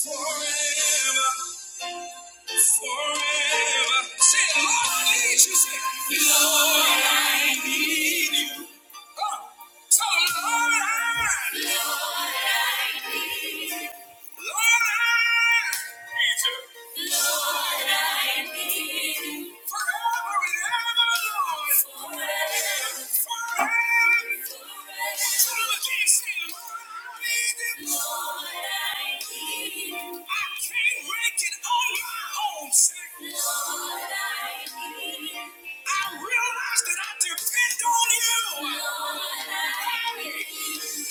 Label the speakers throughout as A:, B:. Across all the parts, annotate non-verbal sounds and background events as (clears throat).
A: Forever, forever. Say, Lord, I need you. Say, Lord, I. Oh, so Lord, I. Lord, I need you. Lord, I need you. Forever and ever, Lord. Forever, forever. Tell them again, say, Lord, I need you. Lord, I need you. I can't make it on my own, say, Lord, I need you. I realize that I depend on you. Lord, I because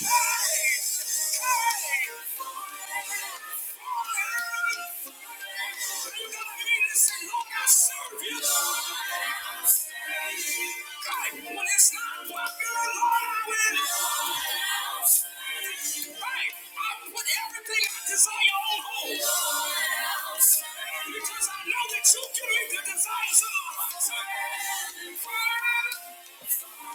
A: I know that you can make the desires of my heart. Thank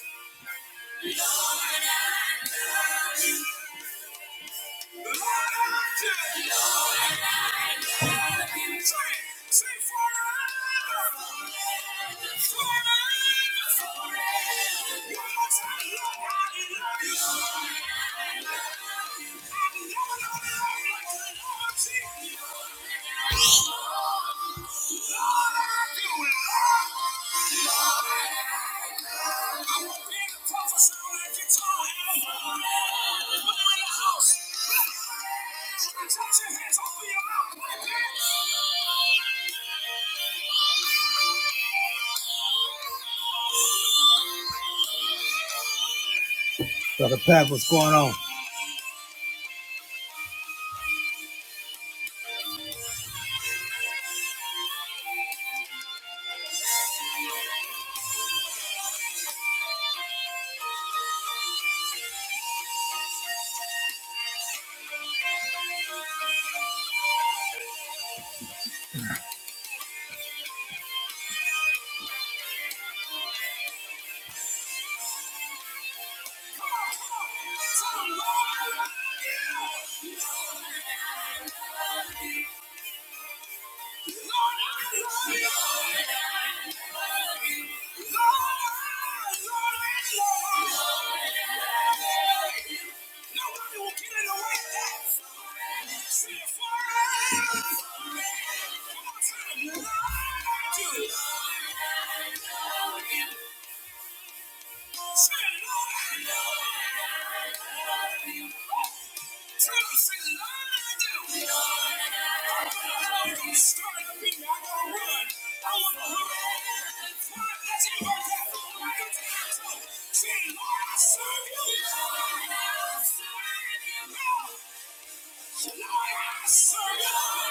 A: you. I love you. Brother Pat, what's going on? How much I love you more than I love you. Come on, time, Lord. Do it. Say, Lord, I serve you. Lord, I serve you. Lord, I ask you, Lord,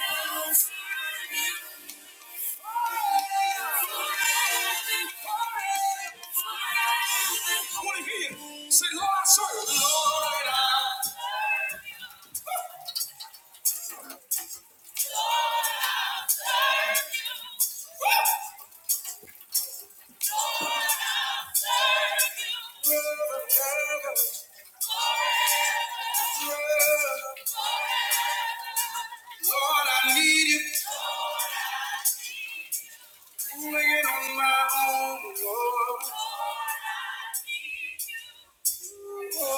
A: I ask you I want to hear you. Say, Lord, I serve. Lord, I serve. Lord, I serve you. Woo! Lord, I need you. Doing it on my own, Lord. Oh,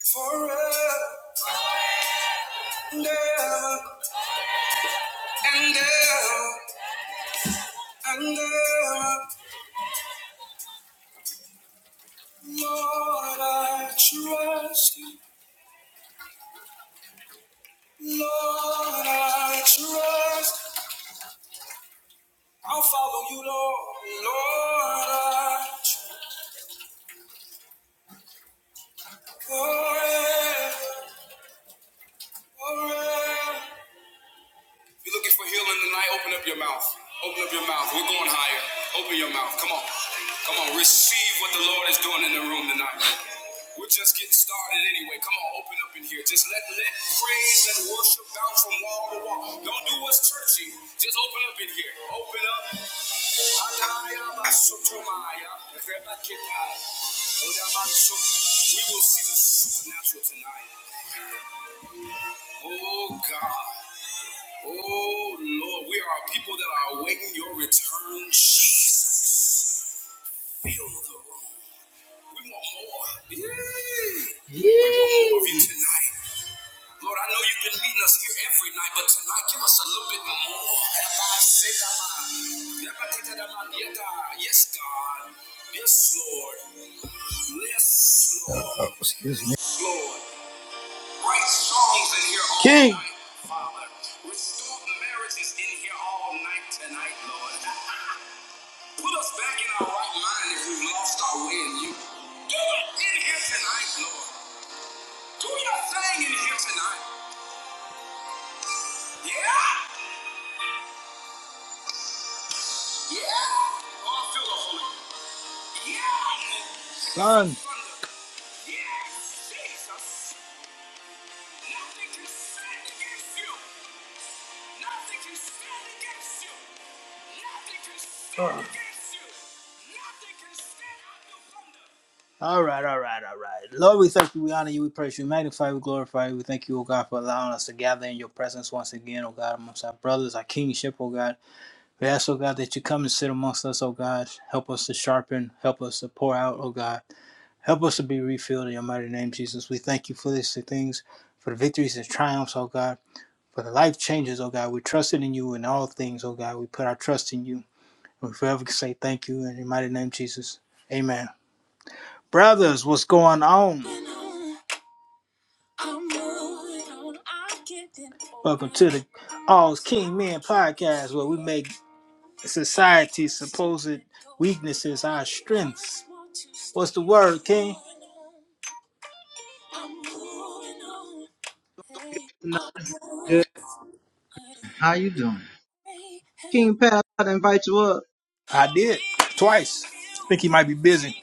A: forever and ever and ever. and ever. Lord, I trust you. Lord, I trust. I'll follow you, Lord. Lord, I trust. Forever, forever. If you're looking for healing tonight, open up your mouth. Open up your mouth. We're going higher. Open your mouth. Come on. Come on. Receive what the Lord is doing in the room tonight. We're just getting started anyway. Come on, open up in here. Just let let praise and worship bounce from wall to wall. Don't do what's churchy. Just open up in here. Open up. We will see the supernatural tonight. Oh God. Oh Lord, we are a people that are awaiting your return, Jesus. Fill the room. We want more. Yeah. More of you tonight. Lord, I know you've been meeting us here every night, but tonight give us a little bit more. Yes, God. Yes, Lord. Yes, Lord. Uh, uh, excuse me. Lord. King. (laughs) right Yeah. Yeah. Oh, Yeah. Son. Thunder. Yeah. Jesus. Nothing can stand against you. Nothing can stand against you. Nothing can stand Oh. against you. Nothing can stand out your thunder. All right, all right, all right. Lord, we thank you, we honor you, we praise you, we magnify you, we glorify you. We thank you, O God, for allowing us to gather in your presence once again, O God, amongst our brothers, our kingship, O God. We ask, O God, that you come and sit amongst us, O God. Help us to sharpen, help us to pour out, O God. Help us to be refilled in your mighty name, Jesus. We thank you for these things, for the victories and triumphs, oh God, for the life changes, oh God. We trusted in you in all things, oh God. We put our trust in you. We forever say thank you in your mighty name, Jesus. Amen. Brothers, what's going on? Welcome to the All's King Men podcast, where we make society's supposed weaknesses our strengths. What's the word, King?
B: Tonight's good. How you doing? King Pat, I to invite you up.
A: I did twice. Think he might be busy.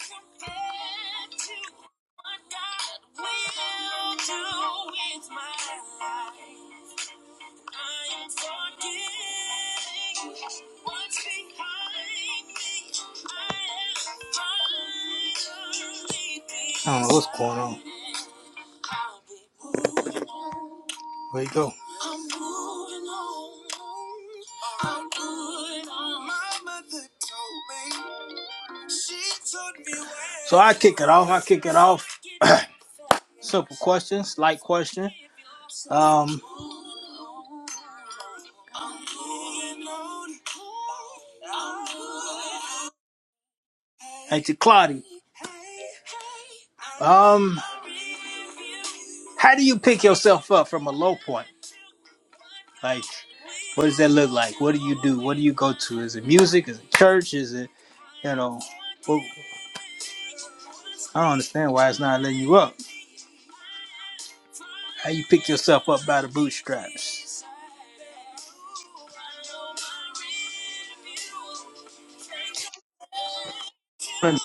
A: I don't know what's going on. Where you go? I'm moving on. I'm moving on. Mama, she be waiting. So I kick it off. I kick it off. (clears throat) Simple questions, light question. Um, I'm moving on. I'm moving on. Hey, to Claudia. Um, how do you pick yourself up from a low point? Like, what does that look like? What do you do? What do you go to? Is it music? Is it church? Is it, you know, well, I don't understand why it's not letting you up. How you pick yourself up by the bootstraps?
B: Can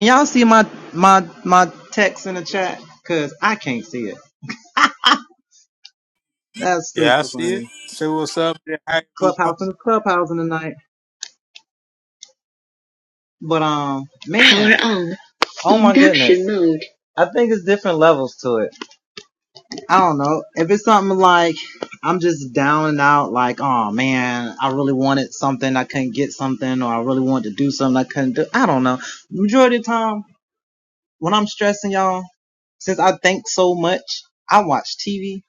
B: y'all see my my my text in the chat? Cause I can't see it. That's
A: Yeah, I
B: super
A: see it.
B: funny.
A: Say what's up. Yeah, hi everyone.
B: Clubhouse and clubhouse in the night. But um man, Power on. oh my Induction goodness. mode. I think it's different levels to it. I don't know. If it's something like I'm just down and out, like, oh man, I really wanted something, I couldn't get something, or I really wanted to do something I couldn't do. I don't know. Majority of the time when I'm stressing y'all. Since I think so much, I watch TV,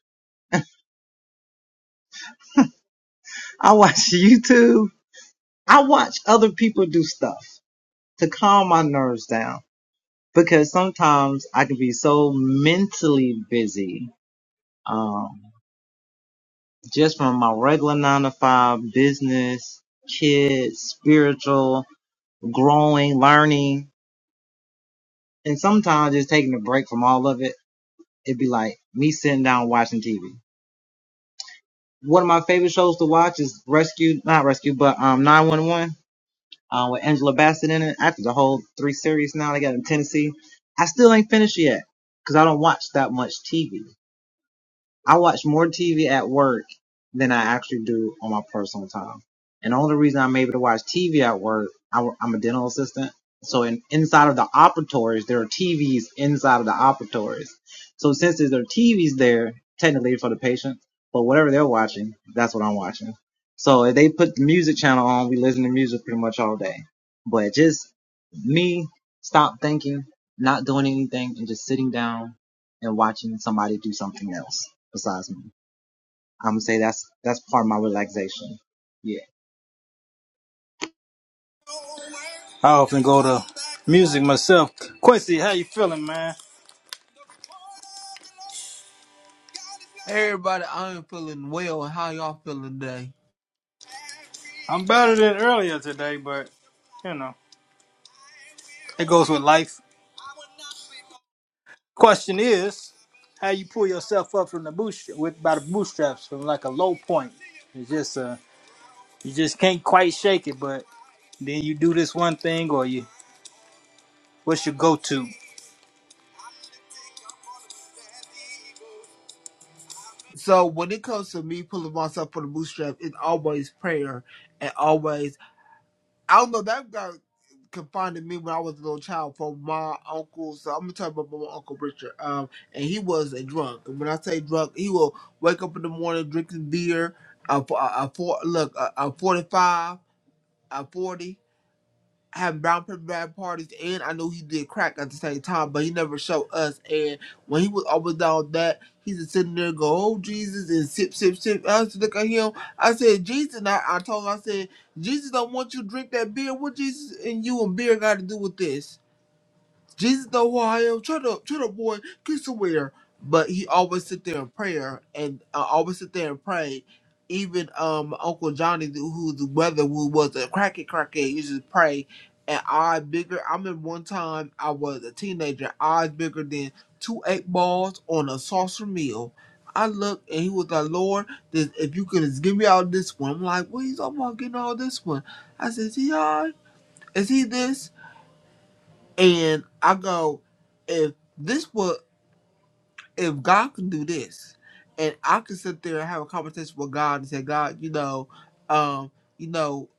B: I watch (laughs) YouTube, I watch other people do stuff to calm my nerves down because sometimes I can be so mentally busy, um, just from my regular nine to five business, kids, spiritual, growing, learning, and sometimes just taking a break from all of it. It'd be like me sitting down watching TV. One of my favorite shows to watch is Rescue, not Rescue, but um 911 uh, with Angela Bassett in it. After the whole three series now they got in Tennessee, I still ain't finished yet because I don't watch that much TV. I watch more TV at work than I actually do on my personal time. And the only reason I'm able to watch TV at work, I, am a dental assistant. So in, inside of the operatories, there are TVs inside of the operatories. So since there's there TVs there, technically for the patient, but whatever they're watching, that's what I'm watching. So if they put the music channel on, we listen to music pretty much all day. But just me, stop thinking, not doing anything, and just sitting down and watching somebody do something else besides me. I'm gonna say that's that's part of my relaxation. Yeah.
A: I often go to music myself. Quincy, how you feeling, man?
C: Hey everybody, I am feeling well. How y'all feeling today?
A: I'm better than earlier today, but you know, it goes with life. Question is, how you pull yourself up from the boot with by the bootstraps from like a low point? It's just uh, you just can't quite shake it, but then you do this one thing, or you what's your go-to?
C: So when it comes to me pulling myself from the bootstrap, it's always prayer and always I don't know that got confined to me when I was a little child from my uncle. So I'm gonna talk about my uncle Richard. Um, and he was a drunk. And when I say drunk, he will wake up in the morning drinking beer. A, a, a four look a, a forty five, a forty. had brown paper bag parties, and I know he did crack at the same time, but he never showed us. And when he was always down that, he's just sitting there go, "Oh Jesus," and sip, sip, sip. I used to look at him. I said, "Jesus," and I, I told him, I said, "Jesus don't want you to drink that beer. What Jesus and you and beer got to do with this?" Jesus know who I am. try to try to boy, get somewhere. But he always sit there in prayer and uh, always sit there and pray. Even um Uncle Johnny, who's the brother who was a cracky crackhead, used to pray. And I bigger. I remember one time I was a teenager, eyes bigger than two eight balls on a saucer meal. I looked and he was like, Lord, this, if you could just give me all this one. I'm like, what are you talking about getting all this one? I said, is he all right? Is he this? And I go, if this would, if God can do this, and I can sit there and have a conversation with God and say, God, you know, um, you know,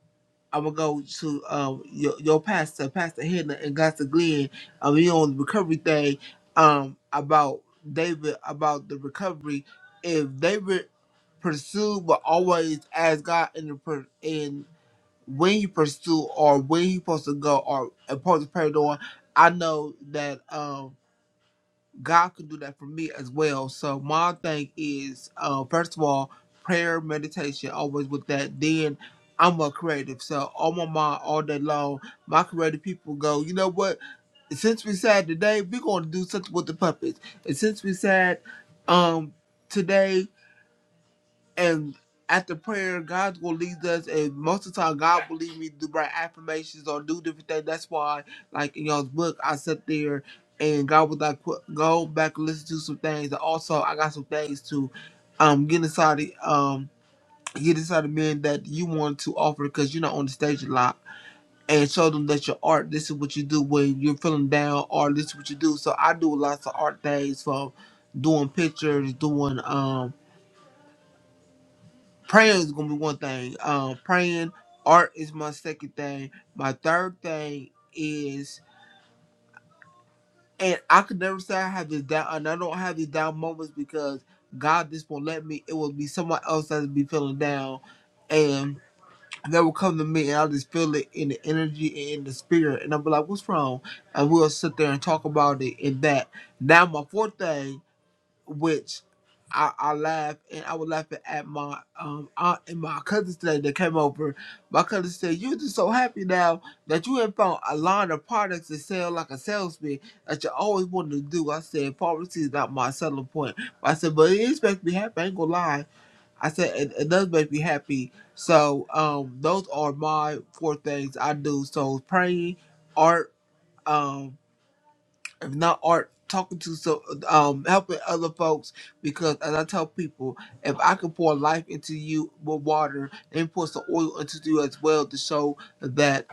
C: I'm gonna go to um your, your pastor, Pastor Hannah and Pastor Glenn, um, you know, on the recovery thing, um, about David, about the recovery. If David pursued, but always ask God in the per in when you pursue or when you're supposed to go or supposed to pray on, I know that um God can do that for me as well. So my thing is uh first of all, prayer, meditation, always with that. Then I'm a creative. So on my mind all day long, my creative people go, you know what? Since we said today, we're gonna do something with the puppets. And since we said um today and after prayer, God's gonna lead us. And most of the time, God will lead me to write affirmations or do different things. That's why, like in y'all's book, I sat there and God was like, "Qu- "Go back and listen to some things." And also, I got some things to um get inside the um get inside the men that you want to offer because you're not on the stage a lot. And show them that your art. This is what you do when you're feeling down, or this is what you do. So I do lots of art things from doing pictures, doing um Praying is gonna be one thing. Um, praying. Art is my second thing. My third thing is, and I could never say I have this down, and I don't have these down moments because God just won't let me. It will be someone else that will be feeling down, and they will come to me, and I'll just feel it in the energy and in the spirit, and I'll be like, "What's wrong?" And we'll sit there and talk about it. And that now, my fourth thing which I, I laughed and I was laughing at my um aunt and my cousins today that came over. My cousin said, You just so happy now that you have found a line of products to sell like a salesman that you always wanted to do. I said, Pharmacy is not my selling point. I said, But it is making me happy, I ain't gonna lie. I said it, it does make me happy. So um those are my four things I do. So praying, art, um if not art, talking to so um helping other folks because as I tell people, if I can pour life into you with water, then pour some oil into you as well to show that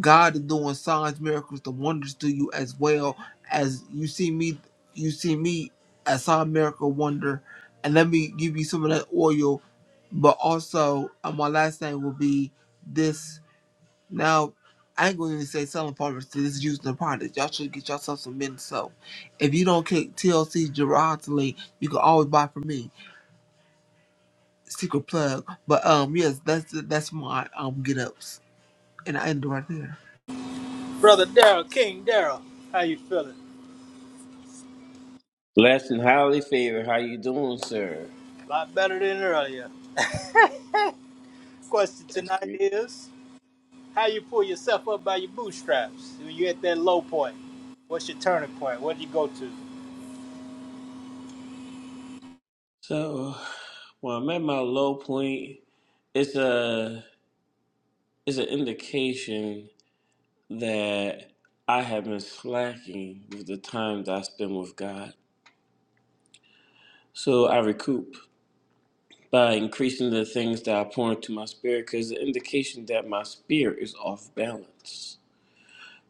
C: God is doing signs, miracles, the wonders to you as well as you see me you see me as sign miracle wonder and let me give you some of that oil. But also uh, my last thing will be this now, I ain't gonna say selling products. This is using the product. Y'all should get yourself some men soap. If you don't click TLC Gerard's link, you can always buy from me. Secret plug. But um, yes, that's that's my um get ups, and I end right there.
A: Brother Daryl King Daryl, how you feeling?
D: Blessed and highly favored. How you doing, sir?
A: A lot better than earlier. Question
D: That's
A: tonight
D: great.
A: is, how you pull yourself up by your bootstraps when you at that low point? What's your turning point? What do you go to?
D: So, when I'm at my low point, it's a it's an indication that I have been slacking with the time that I spend with God. So I recoup by increasing the things that I pour into my spirit, because it's an indication that my spirit is off balance.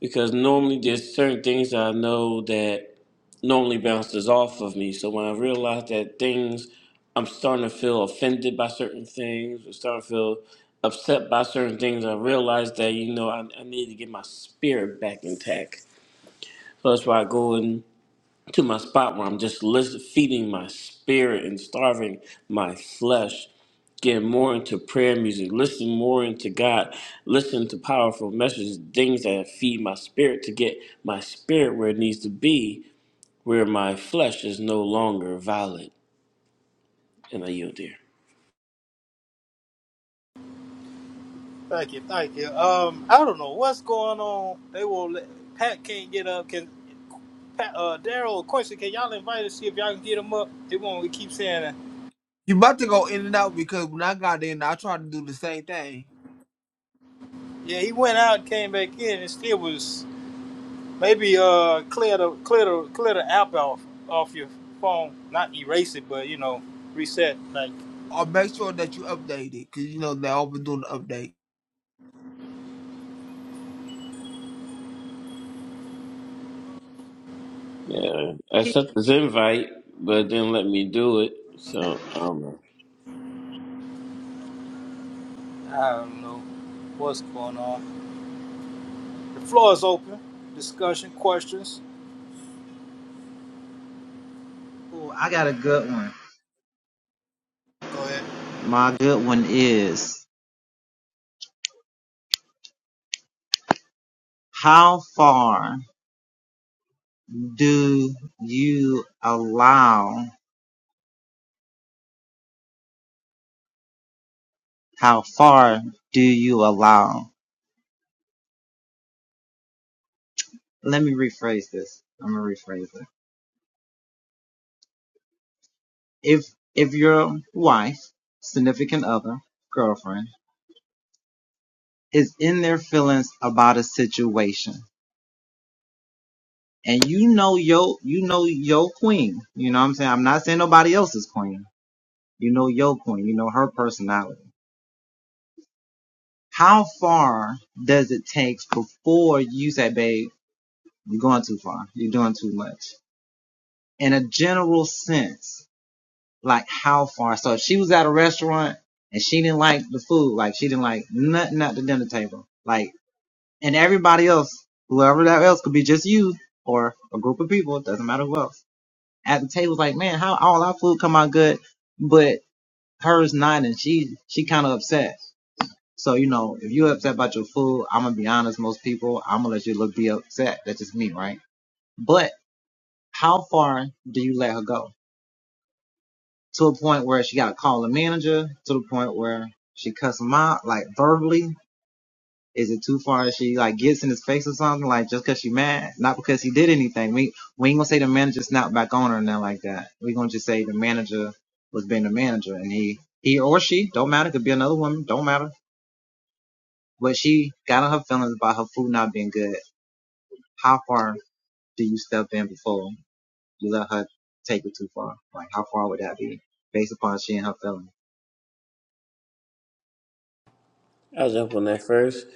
D: Because normally there's certain things that I know that normally bounces off of me. So when I realize that things, I'm starting to feel offended by certain things, I'm starting to feel upset by certain things, I realize that, you know, I, I need to get my spirit back intact. So that's why I go in to my spot where I'm just listen, feeding my spirit and starving my flesh. Getting more into prayer music, listening more into God, listening to powerful messages, things that feed my spirit to get my spirit where it needs to be where my flesh is no longer valid. And I yield there.
A: Thank you, thank you. Um, I don't know what's going on. They will. Let, Pat can't get up. Can Pat, uh, Daryl Quincy? Can y'all invite us? See if y'all can get him up. They won't. We keep saying that.
C: You about to go in and out because when I got in, I tried to do the same thing.
A: Yeah, he went out, and came back in, and still was maybe uh clear the clear the clear the app off off your phone. Not erase it, but you know reset. Like
C: Or make sure that you update it because you know they always doing the update.
D: Yeah, I sent this invite, but it didn't let me do it. So I don't know.
A: I don't know what's going on. The floor is open. Discussion, questions.
B: Ooh, I got a good one.
A: Go ahead.
B: My good one is how far do you allow? How far do you allow? Let me rephrase this. I'm gonna rephrase it. If if your wife, significant other, girlfriend is in their feelings about a situation, and you know your you know your queen. You know what I'm saying? I'm not saying nobody else's queen You know your queen. You know her personality. How far does it take before you say, babe, you're going too far. You're doing too much. In a general sense, like how far? So if she was at a restaurant and she didn't like the food, like she didn't like nothing at the dinner table, like, and everybody else, whoever that else could be just you or a group of people, it doesn't matter who else at the table, like, man, how all our food come out good, but hers not. And she, she kind of upset So, you know, if you're upset about your food, I'm gonna be honest, most people, I'm gonna let you look be upset. That's just me, right? But how far do you let her go? To a point where she gotta call the manager, to the point where she cuss him out, like verbally. Is it too far? She like gets in his face or something, like just because she mad, not because he did anything. We we ain't gonna say the manager snapped back on her and nothing like that. We gonna just say the manager was being the manager, and he he or she don't matter. Could be another woman, don't matter. But she got on her feelings about her food not being good How far do you step in before you let her take it too far? Like, how far would that be based upon she and her feelings?
D: I was up on that first.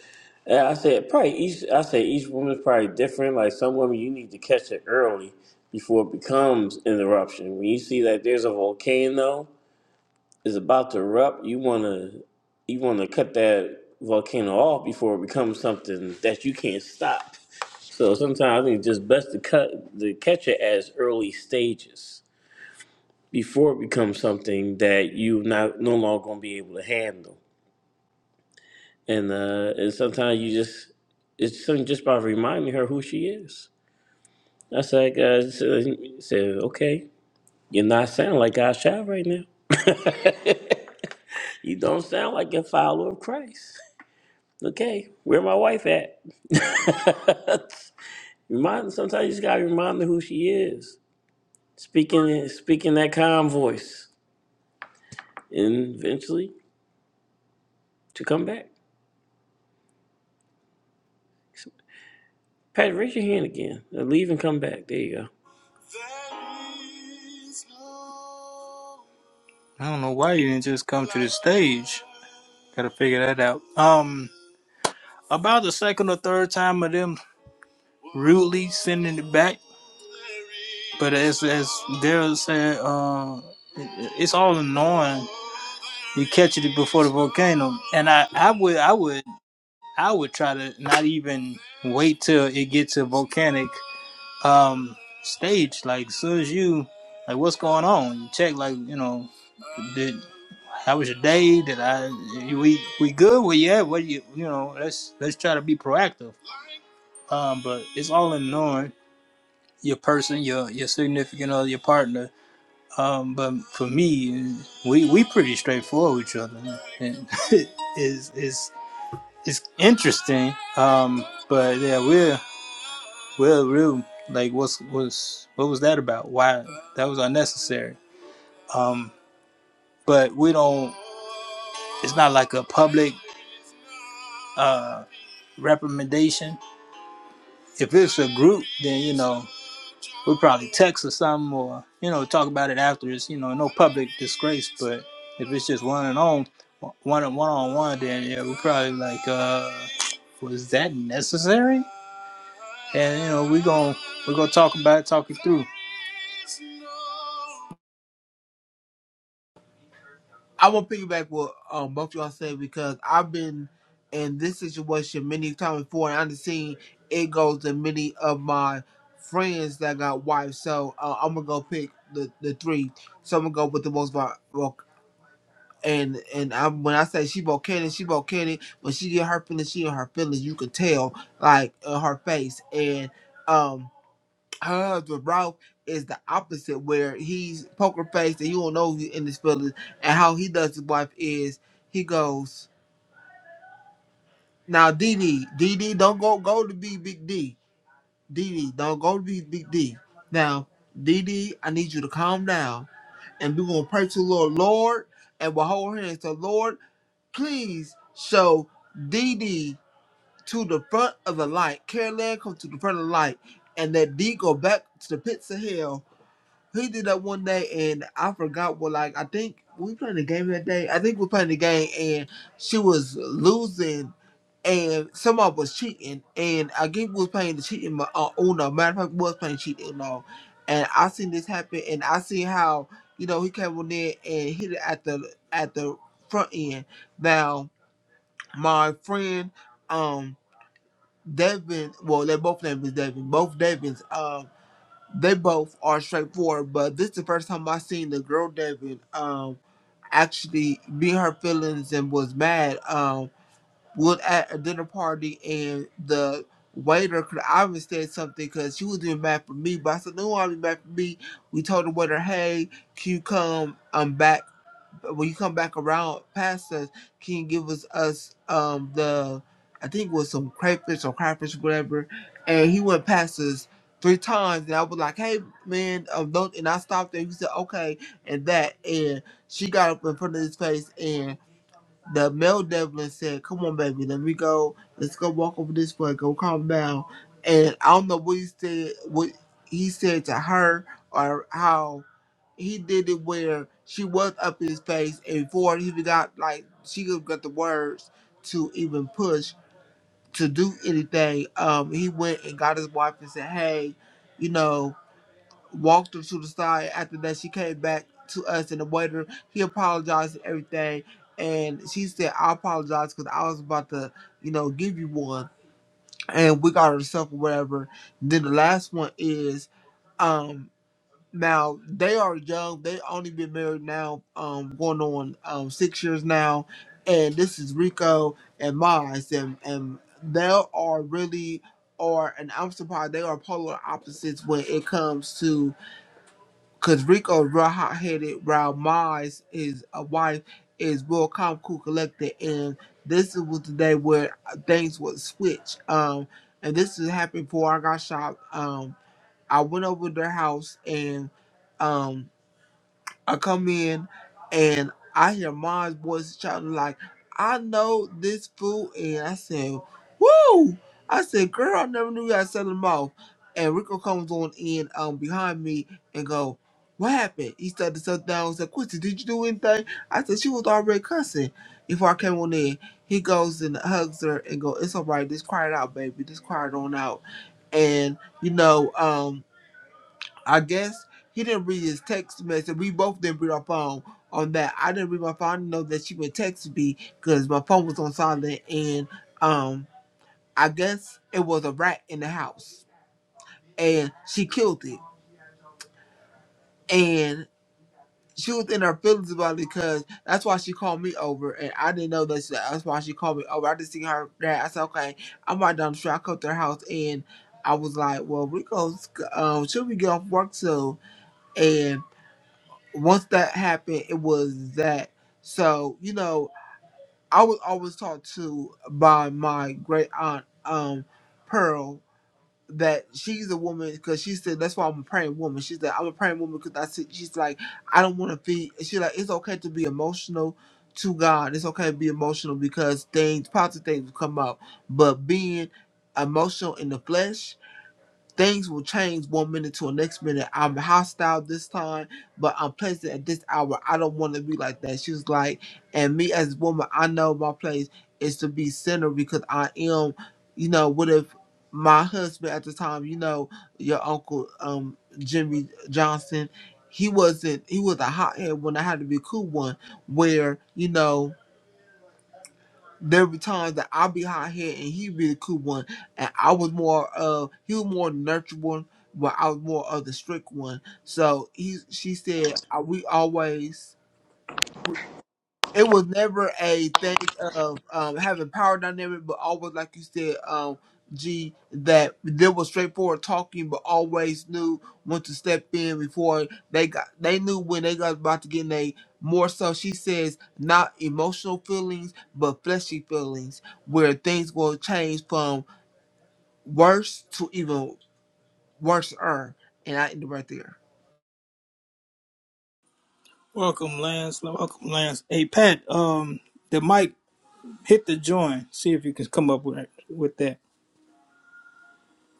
D: And I said probably each. I said each woman's probably different. Like some women, you need to catch it early before it becomes an eruption. When you see that there's a volcano is about to erupt, you wanna you wanna cut that volcano off before it becomes something that you can't stop. So sometimes I think it's just best to cut to catch it as early stages before it becomes something that you not no longer gonna be able to handle. And uh and sometimes you just it's something just by reminding her who she is. I said, "Hey, "Guys, said, okay, you're not sounding like God child right now. (laughs) you don't sound like a follower of Christ. okay, where my wife at? (laughs) remind sometimes you just gotta remind her who she is. Speaking speaking that calm voice. And eventually to come back. Pat, raise your hand again. Now leave and come back. There you
A: There is no I don't know why you didn't just come to the stage. Gotta figure that out. Um, about the second or third time of them rudely sending it back, but as as Daryl said, uh, it- it's all annoying. You catch it before the volcano, and I I would I would I would try to not even wait till it gets a volcanic um stage. Like as soon as you like what's going on, you check like you know did. How was your day? Did I we we good? Where you at? What do you you know? Let's let's try to be proactive. Um, but it's all in knowing your person, your your significant other, your partner. Um, but for me, we we pretty straightforward with each other, and (laughs) it's it's it's interesting. Um, but yeah, we're we're real. Like what's was what was that about? Why that was unnecessary. Um, but we don't. It's not like a public uh recommendation if it's a group, then you know we probably text or something, or you know talk about it after. It's you know no public disgrace, but if it's just one and on, one one on one, then yeah, we probably like, uh, was that necessary? And you know we gon' we gonna talk about it, talk it through.
C: I want will piggyback what um both y'all said because I've been in this situation many times before, and I've seen it goes to many of my friends that got wives. So uh, I'm gonna go pick the, the three. So I'm gonna go with the most vol- vol- and and I, when I say she volcanic, she volcanic. When she get her feelings, she in her feelings. You could tell like in her face and um her husband Ralph is the opposite, where he's poker faced and you don't know you in his feelings. And how he does his wife is he goes now, DD, DD, don't go go to be Big D, DD, don't go to be Big D. Now, DD, I need you to calm down, and we're gonna pray to the Lord, Lord, and we'll hold hands. So, Lord, please show DD to the front of the light. Caroline, come to the front of the light, and let D go back to the pits of hell he did that one day, and I forgot what. Like I think we playing the game that day. I think we playing the game, and she was losing, and someone was cheating, and I think we was playing the cheating. mo- Uh, Uno, matter of fact, we was playing cheating Uno, and I seen this happen, and I seen how you know he came on there and hit it at the at the front end. Now my friend, um. Devin, well, they both names is Devin. Both Devins. um. They both are straightforward, but this is the first time I seen the girl Devin um actually be her feelings and was mad. Um, we was at a dinner party and the waiter could have said something because she was being mad for me, but I said no, I'm mad for me. We told the waiter, hey, can you come? I'm back when you come back around past us, can you give us us um the I think it was some crayfish or crawfish, whatever. And he went past us three times and I was like, Hey man, um don't and I stopped there. He said, Okay and that and she got up in front of his face the male Devlin said, "Come on, baby, let me go. Let's go walk over this way. Go calm down." And I don't know what he said. What he said to her, or how he did it, where she was up in his face, and before he even got like she could got the words to even push to do anything. Um, he went and got his wife and said, "Hey, you know." walked her to the side. After that, she came back to us, and the waiter he apologized and everything. And she said, "I apologize because I was about to, you know, give you one." And we got herself or whatever. Then the last one is, um, now they are young. They only been married now, um, going on um six years now, and this is Rico and Miles, and and they are really. Or and I'm surprised they are polar opposites when it comes to Cause Rico is real hot headed, while Mars his uh, wife is real calm, cool, collected, and this was the day where uh, things would switch. Um, and this is happened before I got shot. Um, I went over to their house and um I come in and I hear Mom's voice shouting like, I know this food and I said, Woo! I said, girl, I never knew you had selling mouth. And Rico comes on in um behind me and go, What happened? He started to sit down and said, Quincy, did you do anything? I said, She was already cussing before I came on in. He goes and hugs her and go, It's all right, just quiet out, baby. Just quiet on out. And you know, um I guess he didn't read his text message. We both didn't read our phone on that. I didn't read my phone. I didn't know that she would text me because my phone was on silent. And um, I guess it was a rat in the house, and she killed it. And she was in her feelings about it because that's why she called me over, and I didn't know that. She, that's why she called me over. I just seen her there. I said, "Okay, I'm right down the street." I come to her house, and I was like, "Well, Rico's um, should we get off work soon?" And once that happened, it was that. So you know, I was always taught to by my great aunt um Pearl that she's a woman because she said that's why I'm a praying woman. She said I'm a praying woman because I said she's like I don't want to be. She's like it's okay to be emotional to God. It's okay to be emotional because things positive things will come out, but being emotional in the flesh Things will change one minute to the next minute. I'm hostile this time, but I'm pleasant at this hour. I don't want to be like that. She was like, and me as a woman, I know my place is to be center because I am, you know, what if my husband at the time, you know, your uncle um Jimmy Johnson, he wasn't he was a hothead when I had to be cool one where, you know, there be times that I'll be hot head and he be the cool one, and I was more of uh he was more nurturing, one, but I was more of the strict one. So he she said uh, we always it was never a thing of um, having power dynamic, but always, like you said, um, G, that there was straightforward talking, but always knew when to step in before they got. They knew when they got about to get in a more so. She says not emotional feelings, but fleshy feelings, where things will change from worse to even worse. And I end it right there.
A: Welcome, Lance. Welcome, Lance. Hey, Pat. Um, the mic hit the join. See if you can come up with with that.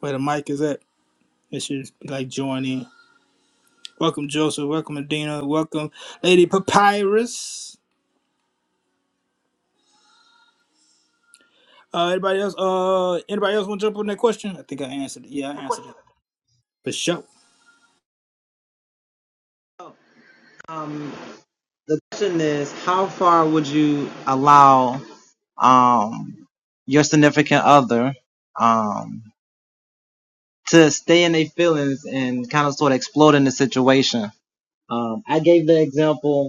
A: Where the mic is at, it should be like join in. Welcome, Joseph. Welcome, Adina. Welcome, Lady Papyrus. Uh, anybody else? Uh, anybody else want to jump on that question? I think I answered it. Yeah, I answered it for sure.
B: Um, the question is, how far would you allow um, your significant other um, to stay in their feelings and kind of sort of explode in the situation? Um, I gave the example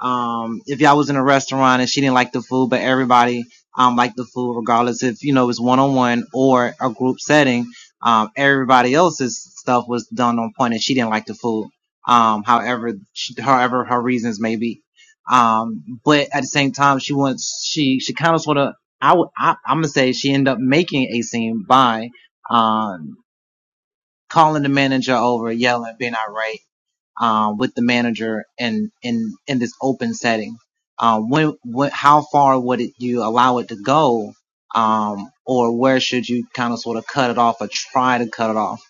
B: Um, if y'all was in a restaurant and she didn't like the food, but everybody, um, liked the food regardless if, you know, it's one on one or a group setting, um, everybody else's stuff was done on point and she didn't like the food. Um, however, she, however her reasons may be. Um, but at the same time, she wants, she, she kind of sort of, I would, I, I'm gonna say she ended up making a scene by, um, calling the manager over, yelling, being irate um, with the manager and in in this open setting? Um, when what how far would it, you allow it to go, um, or where should you kind of sort of cut it off or try to cut it off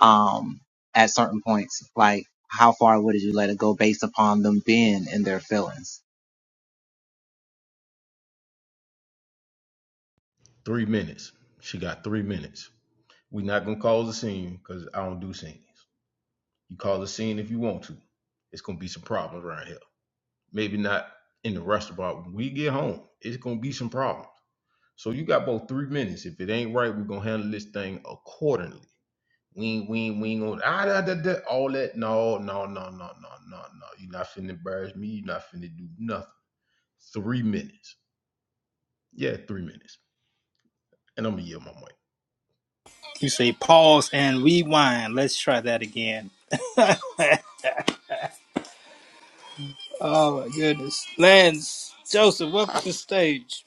B: um, at certain points? Like how far would you let it go based upon them being in their feelings?
E: Three minutes. She got three minutes. We're not gonna cause a scene because I don't do scenes. You cause a scene if you want to. It's gonna be some problems around here. Maybe not in the restaurant. When we get home, it's gonna be some problems. So you got both three minutes. If it ain't right, we're gonna handle this thing accordingly. We ain't, we ain't, we ain't gonna ah, da, da, da, all that. No, no, no, no, no, no, no. You're not finna embarrass me. You're not finna do nothing. Three minutes. Yeah, three minutes. And I'm gonna yield my mic.
A: You say pause and rewind. Let's try that again. Oh my goodness, Lance Joseph, welcome to the stage.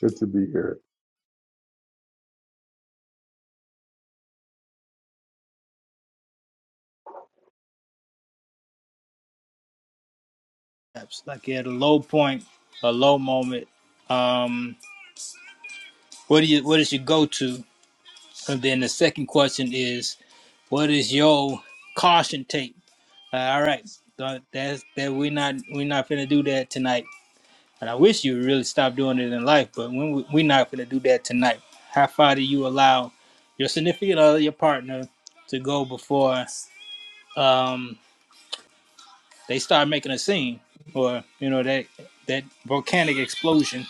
F: Good to be here.
A: Perhaps like you had a low point, a low moment. Um, what do you? What is your go to? And then the second question is, what is your caution tape? all right. So that's that. We're not we're not finna do that tonight. And I wish you would really stop doing it in life, but when we, we're not finna do that tonight. How far do you allow your significant other, your partner, to go before um they start making a scene or you know that that volcanic explosion?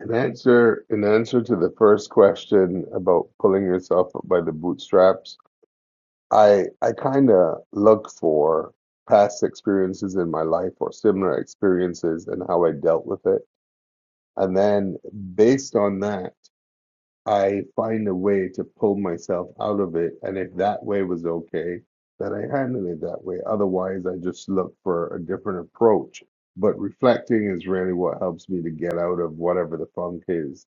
F: In answer, in answer to the first question about pulling yourself up by the bootstraps, I I kind of look for past experiences in my life or similar experiences and how I dealt with it, and then based on that, I find a way to pull myself out of it. And if that way was okay, then I handle it that way. Otherwise, I just look for a different approach. But reflecting is really what helps me to get out of whatever the funk is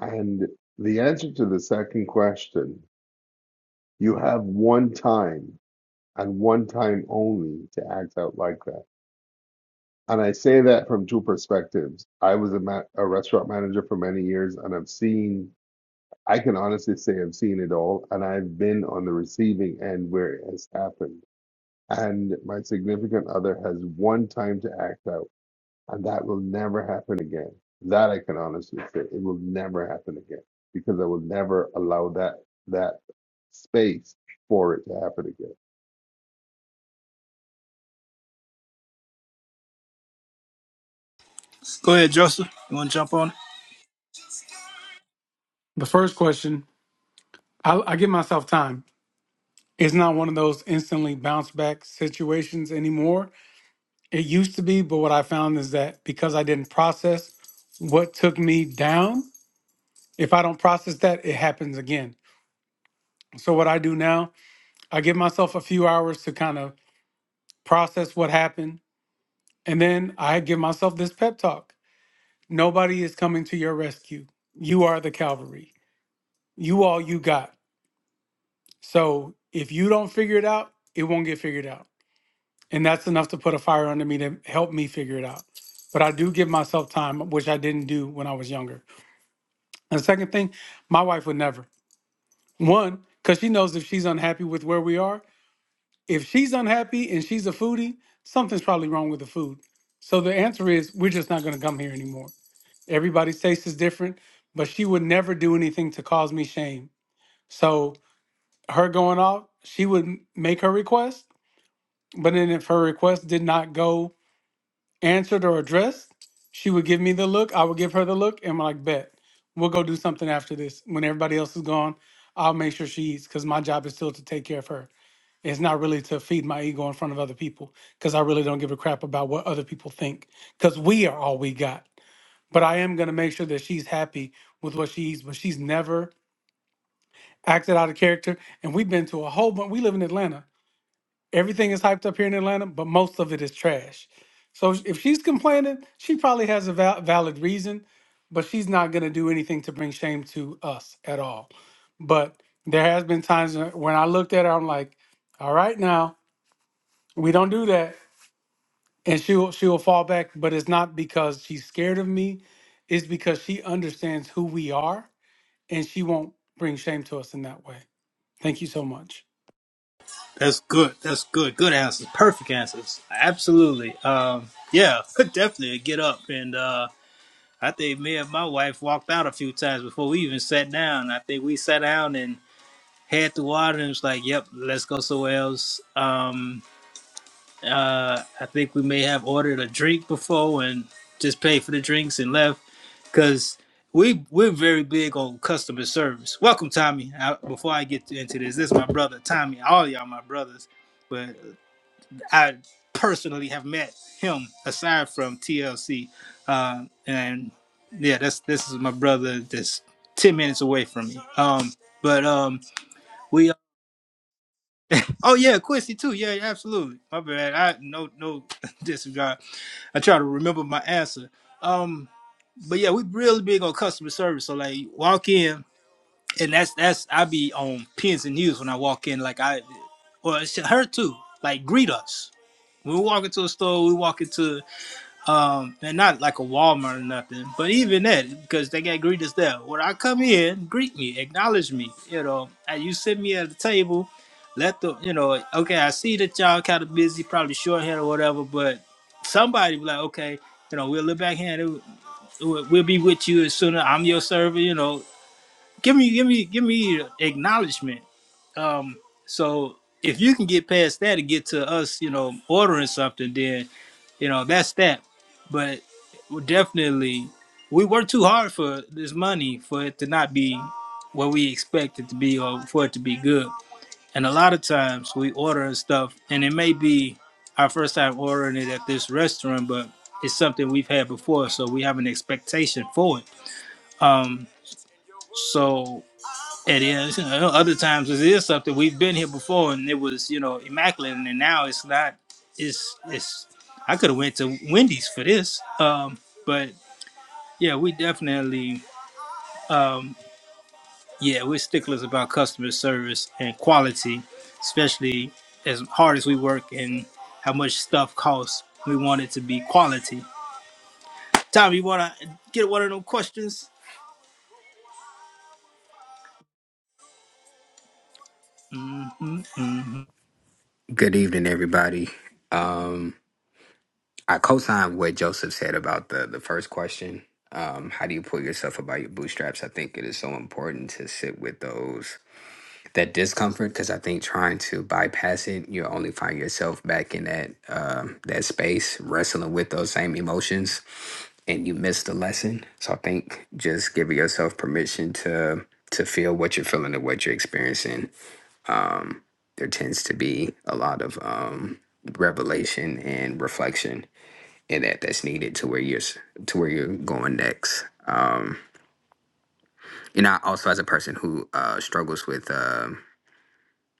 F: And the answer to the second question, you have one time and one time only to act out like that. And I say that from two perspectives. I was a, ma- a restaurant manager for many years and I've seen, I can honestly say I've seen it all. And I've been on the receiving end where it has happened. And my significant other has one time to act out. And that will never happen again. That I can honestly say, it will never happen again because I will never allow that that space for it to happen again.
A: Go ahead, Joseph. You want to jump on? it?
G: The first question, I, I give myself time. It's not one of those instantly bounce back situations anymore. It used to be, but what I found is that because I didn't process what took me down, if I don't process that, it happens again. So, what I do now, I give myself a few hours to kind of process what happened. And then I give myself this pep talk Nobody is coming to your rescue. You are the cavalry. You all you got. So, if you don't figure it out, it won't get figured out. and that's enough to put a fire under me to help me figure it out. But I do give myself time, which I didn't do when I was younger. And the second thing, my wife would never. One, because she knows if she's unhappy with where we are, if she's unhappy and she's a foodie, something's probably wrong with the food. So the answer is we're just not going to come here anymore. Everybody's taste is different, but she would never do anything to cause me shame. So her going off, she would make her request, but then if her request did not go answered or addressed, she would give me the look. I would give her the look, and I'm like, bet we'll go do something after this. When everybody else is gone, I'll make sure she eats because my job is still to take care of her. It's not really to feed my ego in front of other people because I really don't give a crap about what other people think because we are all we got. But I am going to make sure that she's happy with what she eats, but she's never acted out of character. And we've been to a whole bunch, we live in Atlanta everything is hyped up here in Atlanta, but most of it is trash. So if she's complaining, she probably has a val- valid reason, but she's not going to do anything to bring shame to us at all. But there has been times when when I looked at her, I'm like, all right, now we don't do that, and she'll she'll fall back. But it's not because she's scared of me; it's because she understands who we are, and she won't bring shame to us in that way. Thank you so much,
A: That's good. That's good. Good answers. Perfect answers. Absolutely. Um, yeah, (laughs) definitely get up and. uh, I think me and my wife walked out a few times before we even sat down. I think we sat down and had the water and was like, "Yep, let's go somewhere else." Um, uh, I think we may have ordered a drink before and just paid for the drinks and left because we we're very big on customer service. Welcome, Tommy. I, before I get into this, this is my brother Tommy. All y'all my brothers, but I personally have met him aside from TLC. Uh, and yeah, that's this is my brother that's 10 minutes away from me. Um, but um, we uh, oh yeah, Quincy too. Yeah, yeah, absolutely. My bad. I no no (laughs) disregard. I try to remember my answer. Um, but yeah, we really big on customer service. So like walk in and that's that's I be on pins and needles when I walk in. Like I well, it's her too. Like greet us. When we walk into a store, we walk into Um, and not like a Walmart or nothing, but even that, because they got greeters there. When I come in, greet me, acknowledge me, you know, and you sit me at the table, let the, you know, okay, I see that y'all kind of busy, probably shorthand or whatever, but somebody be like, okay, you know, we'll look back here and it- we'll, we'll be with you as soon as I'm your server, you know, give me, give me, give me acknowledgement. Um, so if you can get past that and get to us, you know, ordering something, then you know that's that. But we definitely, we work too hard for this money for it to not be what we expect it to be or for it to be good. And a lot of times we order stuff, and it may be our first time ordering it at this restaurant, but it's something we've had before, so we have an expectation for it. Um, so it is. You know, other times it is something we've been here before, and it was you know immaculate, and then now it's not. It's it's. I could have went to Wendy's for this, um, but yeah, we definitely um, yeah we're sticklers about customer service and quality, especially as hard as we work and how much stuff costs. We want it to be quality. Tom, you wanna get one of them questions?
H: Good evening, everybody. Um, I co-signed what Joseph said about the the first question. Um, how do you pull yourself up by your bootstraps? I think it is so important to sit with those that discomfort because I think trying to bypass it, you'll only find yourself back in that um that space wrestling with those same emotions, and you miss the lesson. So I think just giving yourself permission to to feel what you're feeling and what you're experiencing um, there tends to be a lot of um, revelation and reflection in that that's needed to where you're s- to where you're going next. Um, and I also, as a person who uh, struggles with, um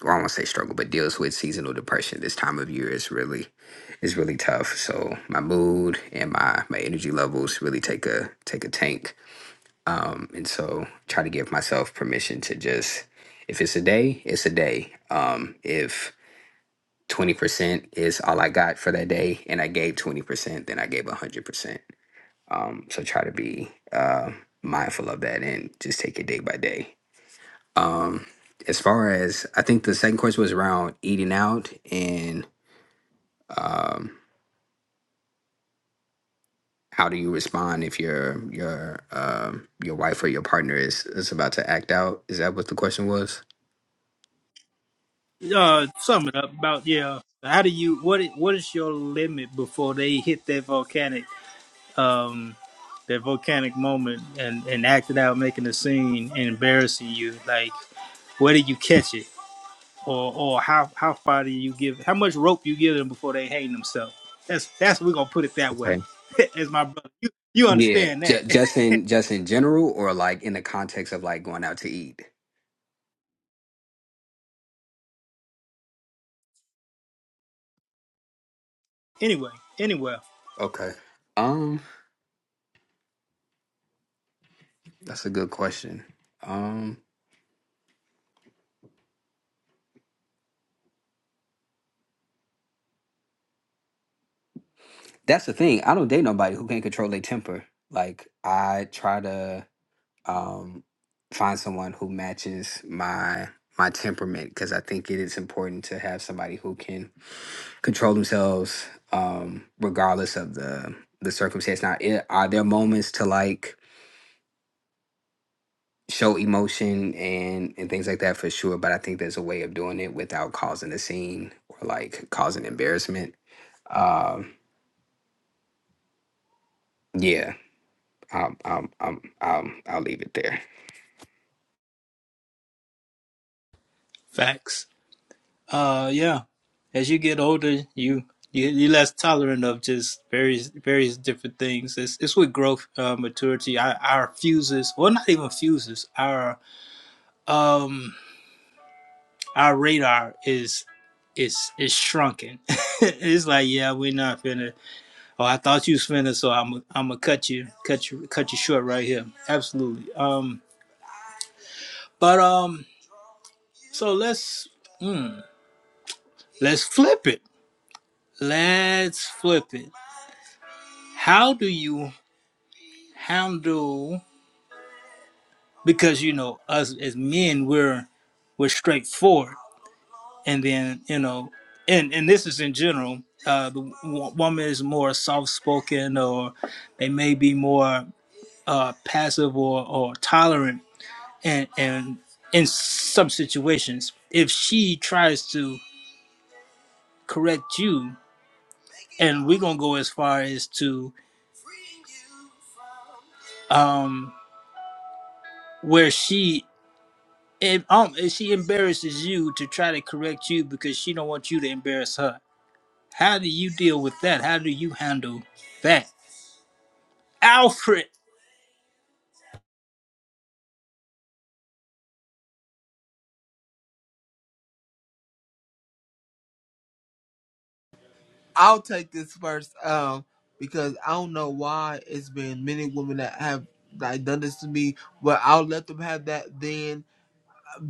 H: or I won't say struggle, but deals with seasonal depression, this time of year is really is really tough. So my mood and my my energy levels really take a take a tank. Um, and so try to give myself permission to just if it's a day, it's a day. Um, if 20% is all I got for that day, and I gave 20%, then I gave 100%. Um, so try to be uh, mindful of that and just take it day by day. Um, as far as I think the second question was around eating out and um, how do you respond if your your um, your wife or your partner is is about to act out? Is that what the question was?
A: Uh, sum it up about yeah. How do you what i- what is your limit before they hit that volcanic um that volcanic moment and and acting out, making a scene and embarrassing you? Like where do you catch it, or or how how far do you give? How much rope you give them before they hang themselves? That's that's we're gonna put it that way.
H: Okay.
A: (laughs) As my brother, you you
H: Yeah,
A: understand that
H: ju- just in just in general, or like in the context of like going out to eat.
A: (laughs) anyway. anyway,
H: Okay. That's a good question. Um, that's the thing. I don't date nobody who can't control their temper. Like I try to um find someone who matches my my temperament because I think it is important to have somebody who can control themselves um regardless of the the circumstance. Now, it, are there moments to like show emotion and and things like that for sure, but I think there's a way of doing it without causing a scene or like causing embarrassment. Um, yeah, Um, um, um, um, I'll leave it there.
A: facts. Uh, yeah. As you get older, you you you're less tolerant of just various various different things. It's it's with growth, uh, maturity. Our our fuses, well, not even fuses. Our um our radar is is is shrunken. (laughs) it's like yeah, we're not finna. Oh, I thought you was finna, so I'm I'm gonna cut you cut you cut you short right here. Absolutely. Um, but um, so let's mm, let's flip it. Let's flip it. How do you handle? because you know us as men we're we're straightforward and then you know and and this is in general uh the w- woman is more soft-spoken or they may be more uh passive or or tolerant and and in some situations if she tries to correct you and we're gonna go as far as to um where she And um, and she embarrasses you to try to correct you because she don't want you to embarrass her. How do you deal with that? How do you handle that, Alfred?
C: I'll take this first, um, because I don't know why it's been many women that have like done this to me, but I'll let them have that. Then,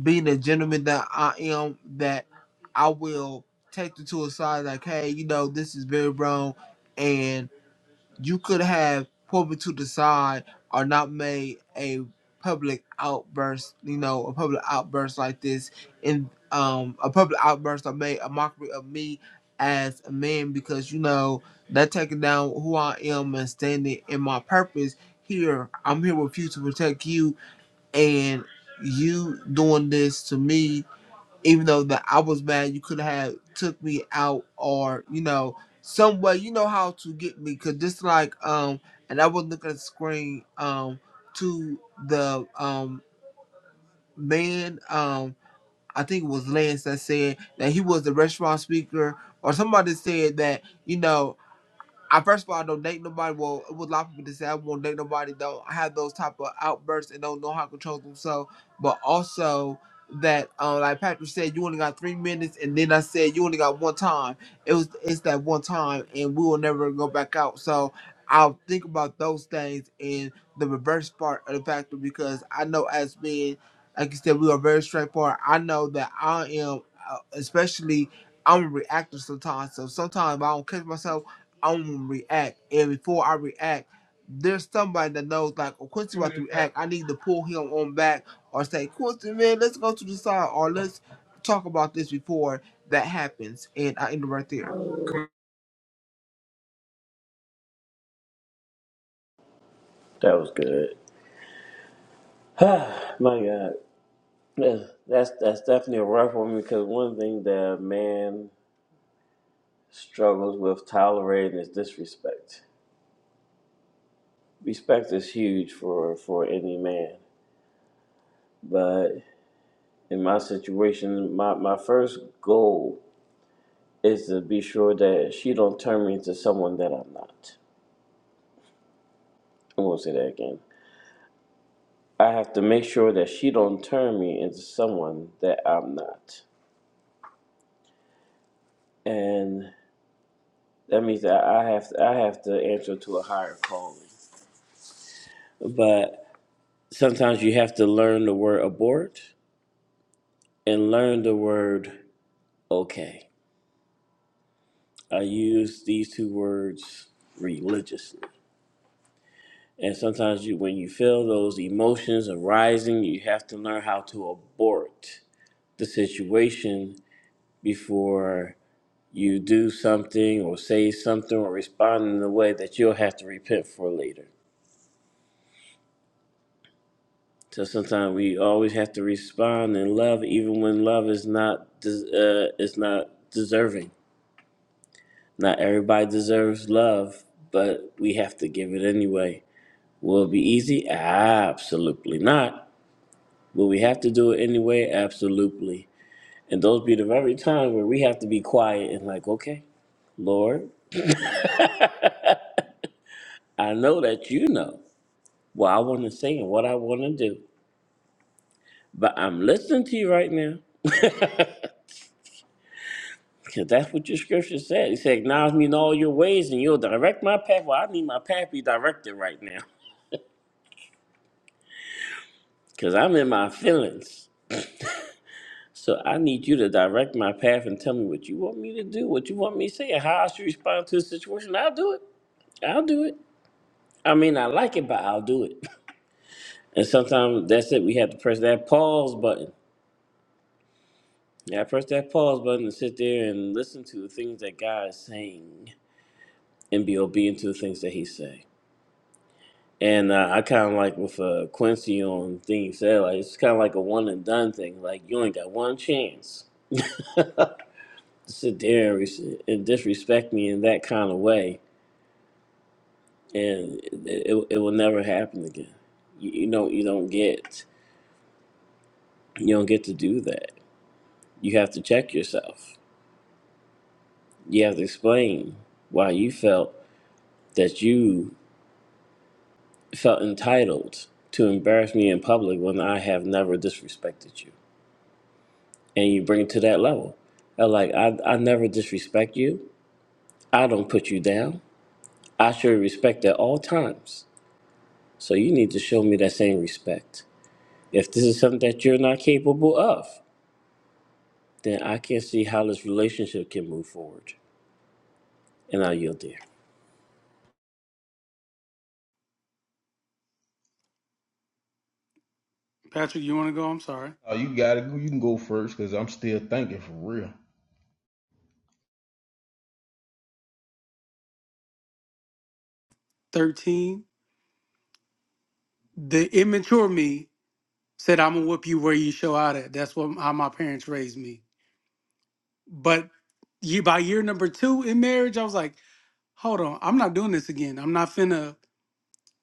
C: being a gentleman that I am, that I will take them to a side, like, hey, you know, this is very wrong, and you could have pulled to the side or not made a public outburst, you know, a public outburst like this in um a public outburst or made a mockery of me as a man because you know that taking down who I am and standing in my purpose here. I'm here with you to protect you and you doing this to me even though that I was mad, you could have took me out or you know some way. You know how to get me because just like um, and I was looking at the screen um to the um man um I think it was Lance that said that he was the restaurant speaker or somebody said that you know. I first of all I don't date nobody. Well, it was a lot of people that say I won't date nobody though. I have those type of outbursts and don't know how to control themselves. But also that uh, like Patrick said, you only got three minutes and then I said you only got one time. It was it's that one time and we will never go back out. So I'll think about those things and the reverse part of the factor because I know as being like you said, we are very straightforward. I know that I am uh, especially I'm reactive sometimes. So sometimes if I don't catch myself, I'm gonna react. And before I react, there's somebody that knows like oh, Quincy about to react. I need to pull him on back or say, Quincy man, let's go to the side or let's talk about this before that happens. And I end it right there.
D: That was good. (sighs) My God. That's that's that's definitely a rough one because one thing that a man struggles with tolerating is disrespect. Respect is huge for for any man. but. in my situation, my, my first goal is to be sure that she don't turn me into someone that I'm not. I'm gonna say that again. I have to make sure that she don't turn me into someone that I'm not, and that means that I have to, I have to answer to a higher calling. But sometimes you have to learn the word abort and learn the word okay. I use these two words religiously And sometimes you, when you feel those emotions arising, you have to learn how to abort the situation before you do something or say something or respond in a way that you'll have to repent for later. So sometimes we always have to respond in love, even when love is not des- uh, is not deserving. Not everybody deserves love, but we have to give it anyway. Will it be easy? Absolutely not Will we have to do it anyway? Absolutely. And those be the very times where we have to be quiet and like, okay, Lord, I know that you know what I want to say and what I want to do, but I'm listening to you right now because that's what your scripture said. It said, acknowledge me in all your ways and you'll direct my path. Well, I need my path be directed right now because I'm in my feelings. So I need you to direct my path and tell me what you want me to do, what you want me to say, and how I should respond to the situation. I'll do it. I'll do it. I mean, I like it, but I'll do it. And sometimes that's it. We have to press that pause button. Yeah, press that pause button and sit there and listen to the things that God is saying and be obedient to the things that He's saying. And uh, I kind of like with uh, Quincy on the thing he said, like it's kind of like a one and done thing. Like you only got one chance to sit there and, res- and disrespect me in that kind of way, and it, it, it will never happen again. You, you don't you don't get you don't get to do that. You have to check yourself You have to explain why you felt that you felt entitled to embarrass me in public when I have never disrespected you. And you bring it to that level. i like, I, I never disrespect you. I don't put you down. I show you respect at all times. So you need to show me that same respect. If this is something that you're not capable of, then I can't see how this relationship can move forward. And I yield there.
G: Patrick. You want to go? I'm sorry.
E: Oh, you gotta go. You can go first because I'm still thinking for real.
G: Thirteen. the immature me said, "I'm gonna whoop you where you show out at." That's what how my parents raised me. But ye- by year number two in marriage, I was like, "Hold on, I'm not doing this again. I'm not finna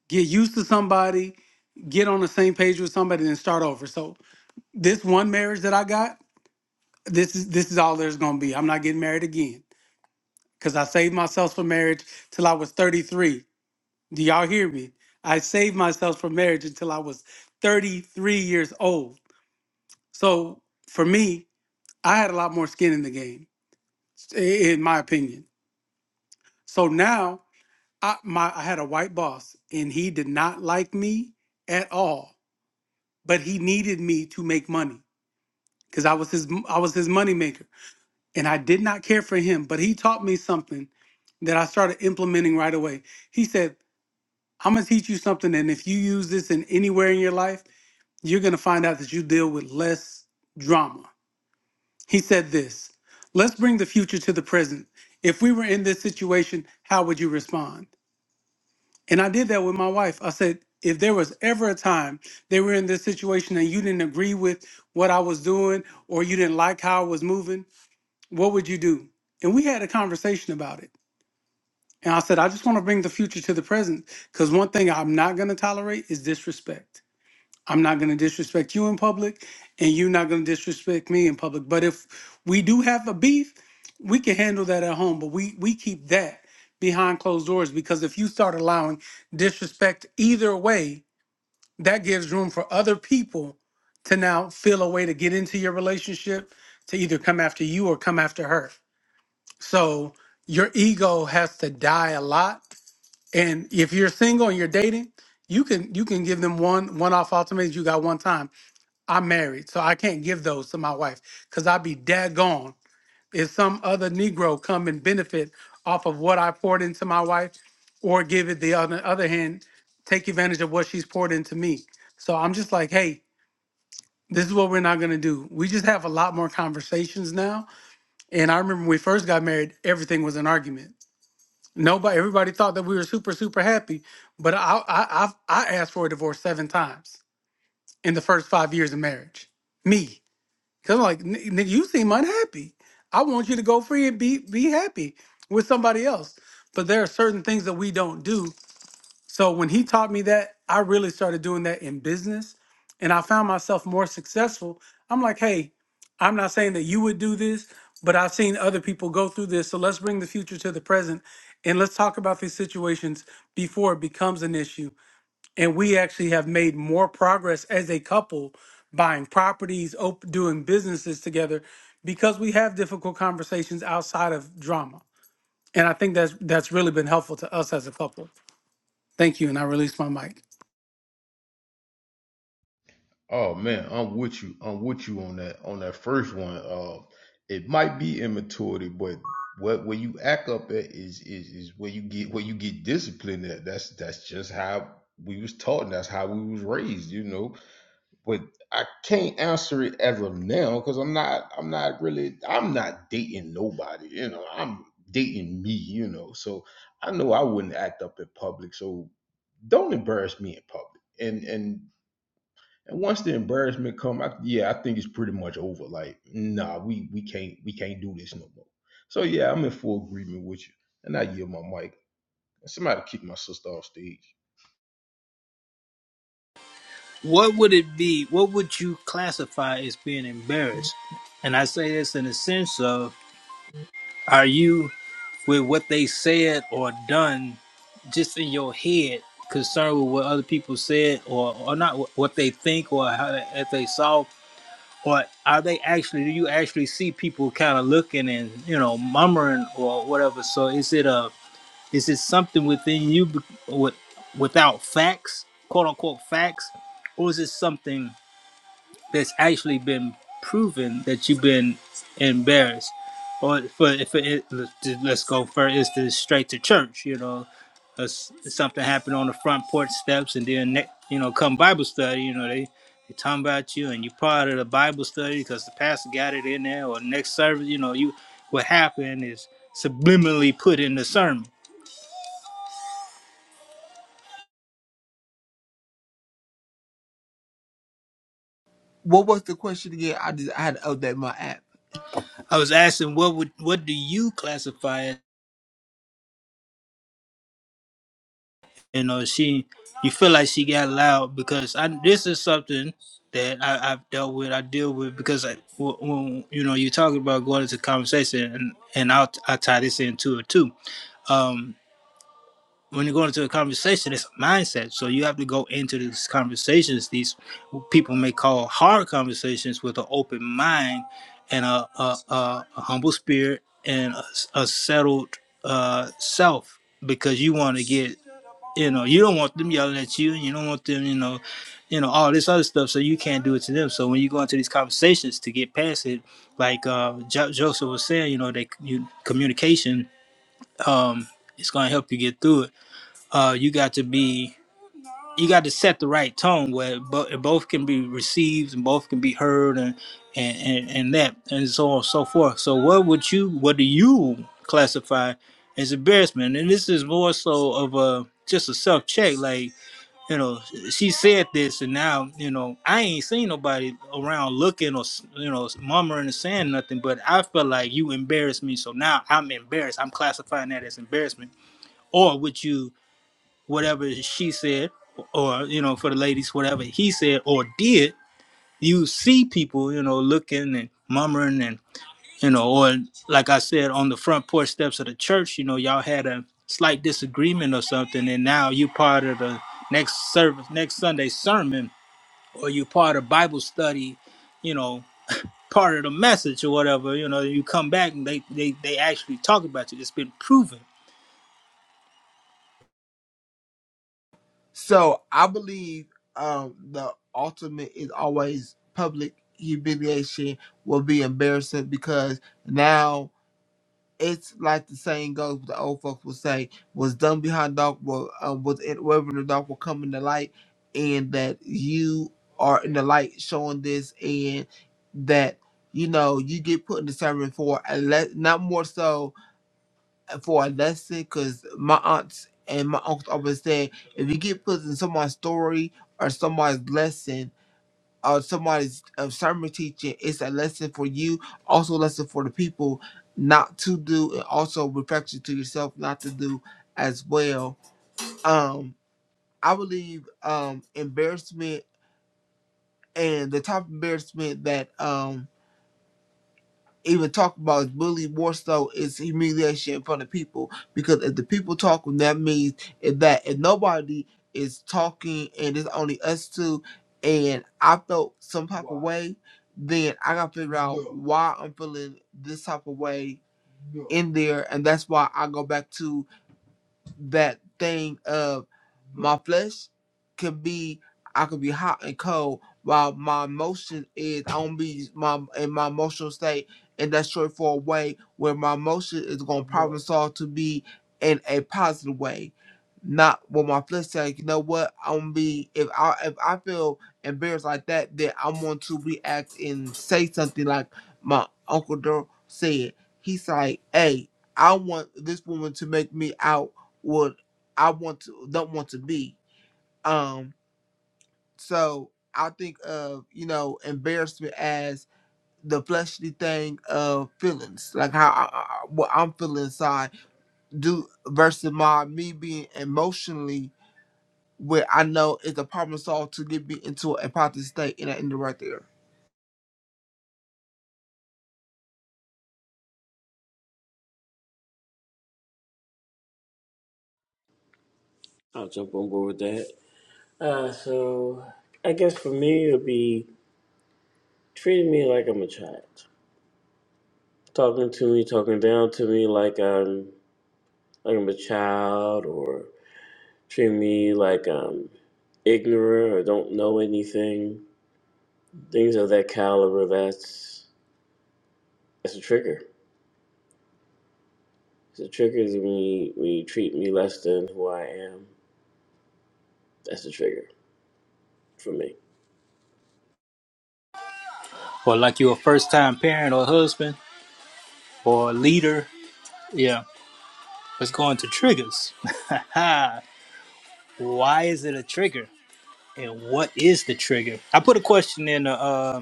G: get used to somebody, get on the same page with somebody, and start over." So this one marriage that I got, this is this is all there's gonna be. I'm not getting married again because I saved myself for marriage till I was 33. Do y'all hear me? I saved myself for marriage until I was 33 years old. So for me, I had a lot more skin in the game, i- in my opinion. So now I my I had a white boss and he did not like me at all, but he needed me to make money because I was his I was his money maker and I did not care for him, but he taught me something that I started implementing right away. He said, "I'm going to teach you something and if you use this in anywhere in your life, you're going to find out that you deal with less drama." He said this Let's bring the future to the present. If we were in this situation, how would you respond? And I did that with my wife. I said, if there was ever a time they were in this situation and you didn't agree with what I was doing or you didn't like how I was moving, what would you do? And we had a conversation about it. And I said, I just want to bring the future to the present because one thing I'm not going to tolerate is disrespect. I'm not going to disrespect you in public, and you're not going to disrespect me in public. But if we do have a beef, we can handle that at home. But we we keep that behind closed doors because if you start allowing disrespect either way, that gives room for other people to now feel a way to get into your relationship to either come after you or come after her. So your ego has to die a lot. And if you're single and you're dating, you can you can give them one one off ultimatums. You got one time I'm married, so I can't give those to my wife because I'd be daggone if some other Negro come and benefit off of what I poured into my wife, or give it the other other hand, take advantage of what she's poured into me. So I'm just like, hey, this is what we're not gonna do. We just have a lot more conversations now. And I remember when we first got married, everything was an argument. Nobody, everybody thought that we were super, super happy, but I, I, I've, I asked for a divorce seven times in the first five years of marriage. Me. Cause I'm like, "Ni- nigga, you seem unhappy. I want you to go free and be be happy with somebody else. But there are certain things that we don't do. So when he taught me that, I really started doing that in business, and I found myself more successful. I'm like, hey, I'm not saying that you would do this, but I've seen other people go through this. So let's bring the future to the present, and let's talk about these situations before it becomes an issue and we actually have made more progress as a couple buying properties op- doing businesses together because we have difficult conversations outside of drama and i think that's that's really been helpful to us as a couple thank you and i release my mic
E: Oh man, I'm with you. I'm with you on that on that first one. Uh, it might be immaturity, but what where you act up at is is is where you get where you get disciplined at. That's that's just how we was taught. And that's how we was raised. You know but I can't answer it as of now because I'm not I'm not really I'm not dating nobody, you know. I'm dating me, you know. So I know I wouldn't act up in public. So don't embarrass me in public. And and and once the embarrassment come, I, yeah, I think it's pretty much over. Like, nah, we we can't we can't do this no more. So yeah, I'm in full agreement with you. And I yield my mic. Somebody kick my sister off stage.
A: What would it be? What would you classify as being embarrassed? And I say this in the sense of: Are you with what they said or done, just in your head, concerned with what other people said or or not what what they think or how they, if they saw or are they actually do you actually see people kind of looking and you know murmuring or whatever so is it a is it something within you with, without facts quote unquote facts or is it something that's actually been proven that you've been embarrassed. Or for if it, let's go for instance, straight to church. You know, Uh, something happened on the front porch steps, and then ne- you know, come Bible study. You know, they they talking about you, and you part of the Bible study because the pastor got it in there. Or next service, you know, you what happened is subliminally put in the sermon.
C: What was the question again? I just I had to update my app.
A: I was asking, what would what do you classify? you know she you feel like she got loud because I this is something that I, I've dealt with I deal with because I, when when, you know you talk about going into conversation and and I'll I tie this into it too um when you go into a conversation it's a mindset so you have to go into these conversations these people may call hard conversations with an open mind and a a, a, a humble spirit and a, a settled uh self because you want to get you know, you don't want them yelling at you, and you don't want them, you know, you know all this other stuff. So you can't do it to them. So when you go into these conversations to get past it, like uh, jo- Joseph was saying, you know, they you, communication um, is going to help you get through it. Uh, you got to be, you got to set the right tone where bo- both can be received and both can be heard, and and, and and that and so on and so forth. So what would you, what do you classify as embarrassment? And this is more so of a just a self check, like you know, she said this, and now, you know, I ain't seen nobody around looking or, you know, murmuring or saying nothing, but I felt like you embarrassed me. So now I'm embarrassed. I'm classifying that as embarrassment. Or would you, whatever she said, or, you know, for the ladies, whatever he said or did, you see people, you know, looking and murmuring and you know, or like I said, on the front porch steps of the church, you know, y'all had a slight disagreement or something, and now you part of the next service, next Sunday sermon, or you part of Bible study, you know, part of the message or whatever, you know, you come back and they, they, they actually talk about you. It's been proven.
C: So I believe um the ultimate is always public humiliation will be embarrassing because now it's like the saying goes, what the old folks would say, was done behind dark, will, um, was it? whatever in the dark will come in the light, and that you are in the light showing this, and that you know you get put in the sermon for a le- not more so uh, for a lesson, because my aunts and my uncles always said, if you get put in someone's story or somebody's lesson uh, somebody's uh, sermon teaching it's a lesson for you also a lesson for the people not to do and also reflection to yourself not to do as well um i believe um embarrassment and the type of embarrassment that um even talk about is bullying more so is humiliation in front of people. Because if the people talking, that means if that if nobody is talking and it's only us two, and I felt some type of way, then I gotta figure out Yeah. why I'm feeling this type of way in there, and that's why I go back to that thing of my flesh could be I could be hot and cold while my emotion is I don't be my in my emotional state in that straightforward way where my emotion is gonna problem solve to be in a positive way. Not what my flesh say, you know what, I'm gonna be if I if I feel embarrassed like that, then I'm going to react and say something like my Uncle Dor said. He's like, Hey, I want this woman to make me out what I want to don't want to be. Um, so I think of you know embarrassment as the fleshly thing of feelings, like how I, I- what I'm feeling inside, do versus my me being emotionally where I know it's a problem solved to get me into a positive state, and I end it right there.
D: I'll jump on board with that. Uh, so I guess for me, it would be. treating me like I'm a child, talking to me, talking down to me like I'm like I'm a child, or treating me like I'm ignorant or don't know anything. Things of that caliber. That's that's a trigger. The trigger is when you, when you treat me less than who I am. That's a trigger for me.
A: Or like you're a first time parent or husband or leader. Yeah. Let's go into triggers. (laughs) Why is it a trigger? And what is the trigger? I put a question in the um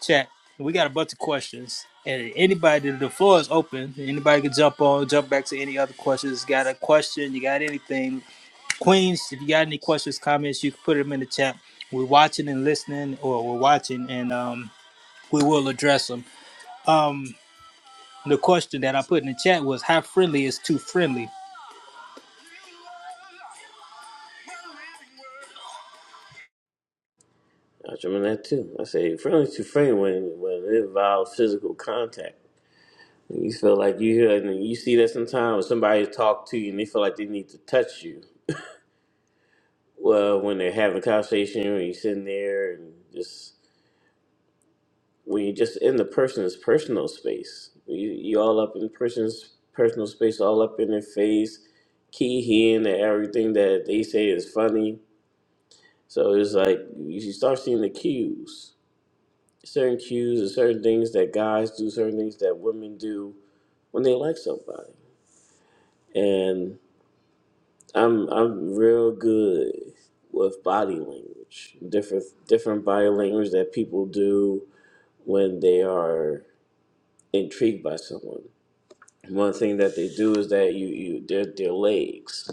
A: chat. We got a bunch of questions, and anybody, the floor is open. Anybody can jump on, jump back to any other questions. Got a question? You got anything? Queens, if you got any questions, comments, you can put them in the chat. We're watching and listening, or we're watching, and um, we will address them. Um, the question that I put in the chat was, "How friendly is too friendly?"
D: I remember that too. I say friendly to friend when when it involves physical contact. you feel like you hear and you see that sometimes when somebody talk to you and they feel like they need to touch you well, when they're having a conversation, when you're sitting there and just when you're just in the person's personal space, you you all up in person's personal space, all up in their face, key hearing that everything that they say is funny. So it's like you should start seeing the cues, certain cues and certain things that guys do, certain things that women do when they like somebody. And I'm I'm real good with body language, different different body language that people do when they are intrigued by someone. One thing that they do is that you, you their, their legs.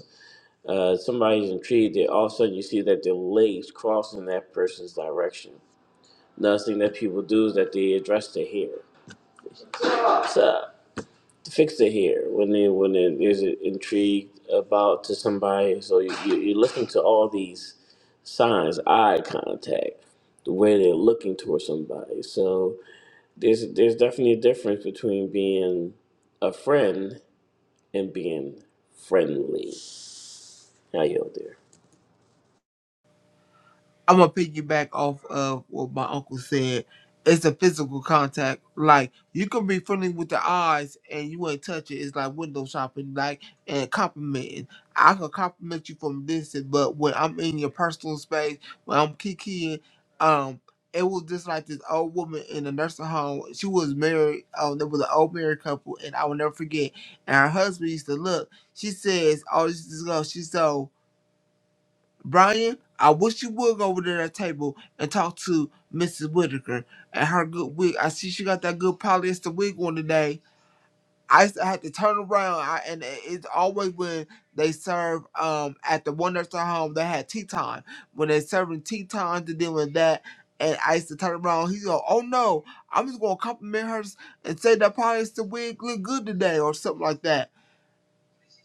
D: Uh, somebody's intrigued, they, all of a sudden you see that their legs cross in that person's direction. Another thing that people do is that they address their hair. So fix their hair when they when they is intrigued about to somebody. So you, you, you're listening to all these signs, eye contact, the way they're looking towards somebody. So there's there's definitely a difference between being a friend and being friendly. I yield there.
C: I'm gonna piggyback off of what my uncle said. It's a physical contact. Like you can be friendly with the eyes and you ain't touch it. It's like window shopping, like and complimenting. I can compliment you from distance, but when I'm in your personal space, when I'm kikiing, um, it was just like this old woman in a nursing home. She was married. Um, there was an old married couple, and I will never forget. And her husband used to look. She says, "Oh, this is go." She's so." Brian, I wish you would go over to that table and talk to Mrs. Whitaker and her good wig. I see she got that good polyester wig on today. I used to have to turn around, I, and it- it's always when they serve um at the one nursing home they had tea time when they serving tea times and doing that. And I used to turn around. He go, "Oh no, I'm just gonna compliment her and say that polyester wig look good today or something like that."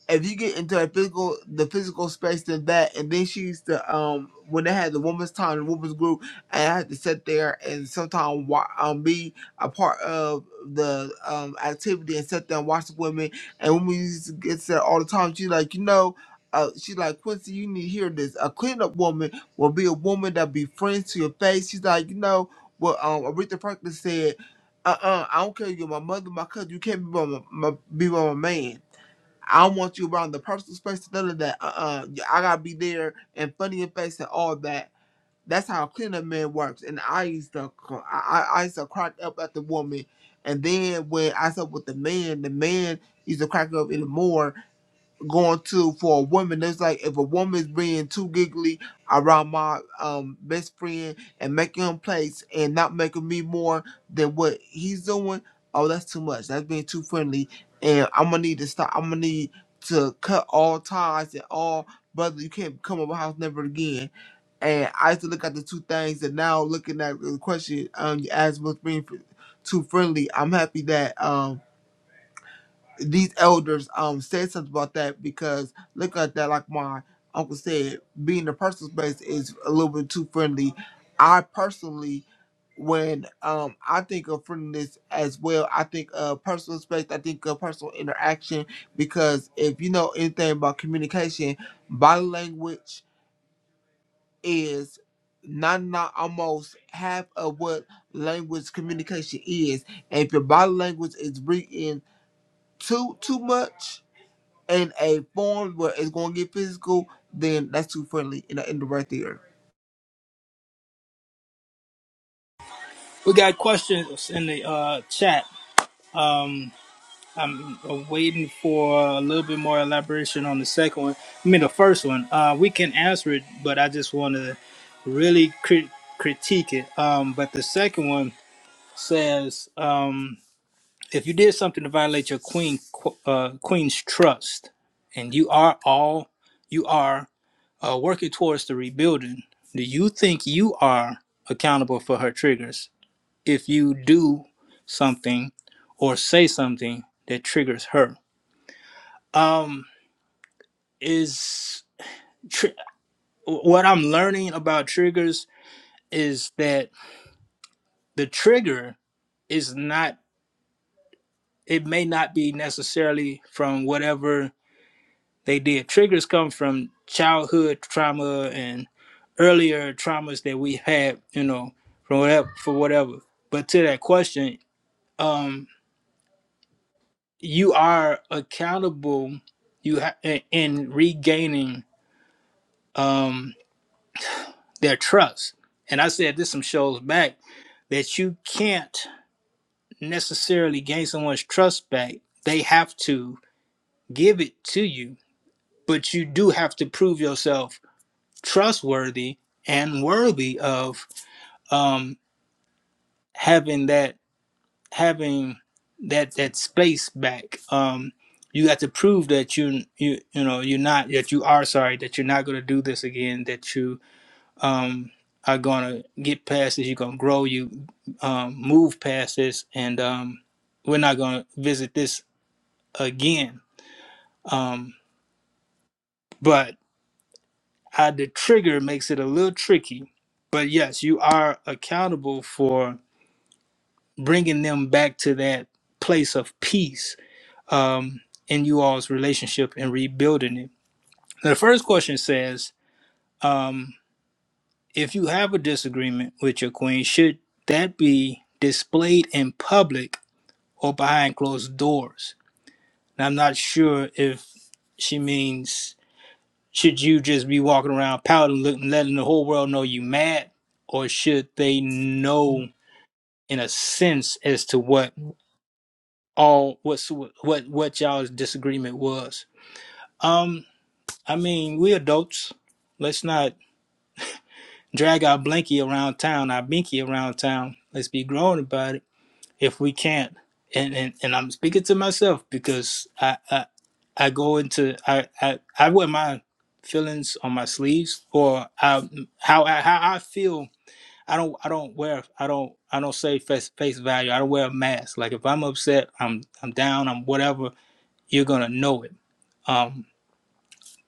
C: if you get into a physical the physical space than that and then she used to um when they had the women's time the women's group and I had to sit there and sometimes wa- um be a part of the um activity and sit there and watch the women and when we used to get there all the time she like you know uh, she's like Quincy, you need to hear this. A cleanup woman will be a woman that be friends to your face. She's like, you know, what um Aretha Franklin said, uh uh I don't care if you're my mother, my cousin, you can't be my, my be my man. I want you around the personal space, none of that. Uh, uh I gotta be there and funny in face and all that. That's how cleanup man works. And I used to, I, I I used to crack up at the woman, and then when I slept with the man, the man used to crack up even more going to for a woman. It's like if a woman's being too giggly around my um best friend and making him place and not making me more than what he's doing, oh that's too much. That's being too friendly. And I'm gonna need to stop I'm gonna need to cut all ties and all brother, you can't come over my house never again. And I used to look at the two things and now looking at the question um you asked what's being fr- too friendly, I'm happy that um these elders um said something about that because look at that like my uncle said being in a personal space is a little bit too friendly i personally when um i think of friendliness as well i think of personal space i think of personal interaction because if you know anything about communication body language is not not almost half of what language communication is and if your body language is written too too much in a form where it's going to get physical, then that's too friendly, and I end it right there.
A: We got questions in the uh, chat. I'm waiting for a little bit more elaboration on the second one. I mean, the first one. Uh, we can answer it, but I just want to really crit- critique it. Um, but the second one says, um, if you did something to violate your queen qu- uh, queen's trust, and you are all you are uh, working towards the rebuilding, do you think you are accountable for her triggers if you do something or say something that triggers her? Um, is tr- what I'm learning about triggers is that the trigger is not it may not be necessarily from whatever they did. Triggers come from childhood trauma and earlier traumas that we had, you know, from whatever for whatever. But to that question, um you are accountable you ha- in in regaining um their trust. And I said this some shows back that you can't necessarily gain someone's trust back. They have to give it to you, but you do have to prove yourself trustworthy and worthy of um, having that having that that space back. Um, you got to prove that you you you know you're not that you are sorry that you're not going to do this again. That you um, are going to get past this. You're going to grow. You um, move past this, and um, we're not going to visit this again Um, but uh the trigger makes it a little tricky. But yes, you are accountable for bringing them back to that place of peace um, in you all's relationship and rebuilding it. The first question says um, if you have a disagreement with your queen, should that be displayed in public or behind closed doors? Now, I'm not sure if she means should you just be walking around pouting, looking, letting the whole world know you mad, or should they know in a sense as to what all what's what what y'all's disagreement was? Um, I mean, we adults. Let's not drag our blankie around town, our binky around town. Let's be grown about it if we can't. And and, and I'm speaking to myself because I. I I go into I I, I wear my feelings on my sleeves or I, how I, how I feel. I don't I don't wear I don't I don't say face face value. I don't wear a mask. Like if I'm upset, I'm I'm down, I'm whatever. You're gonna know it. Um,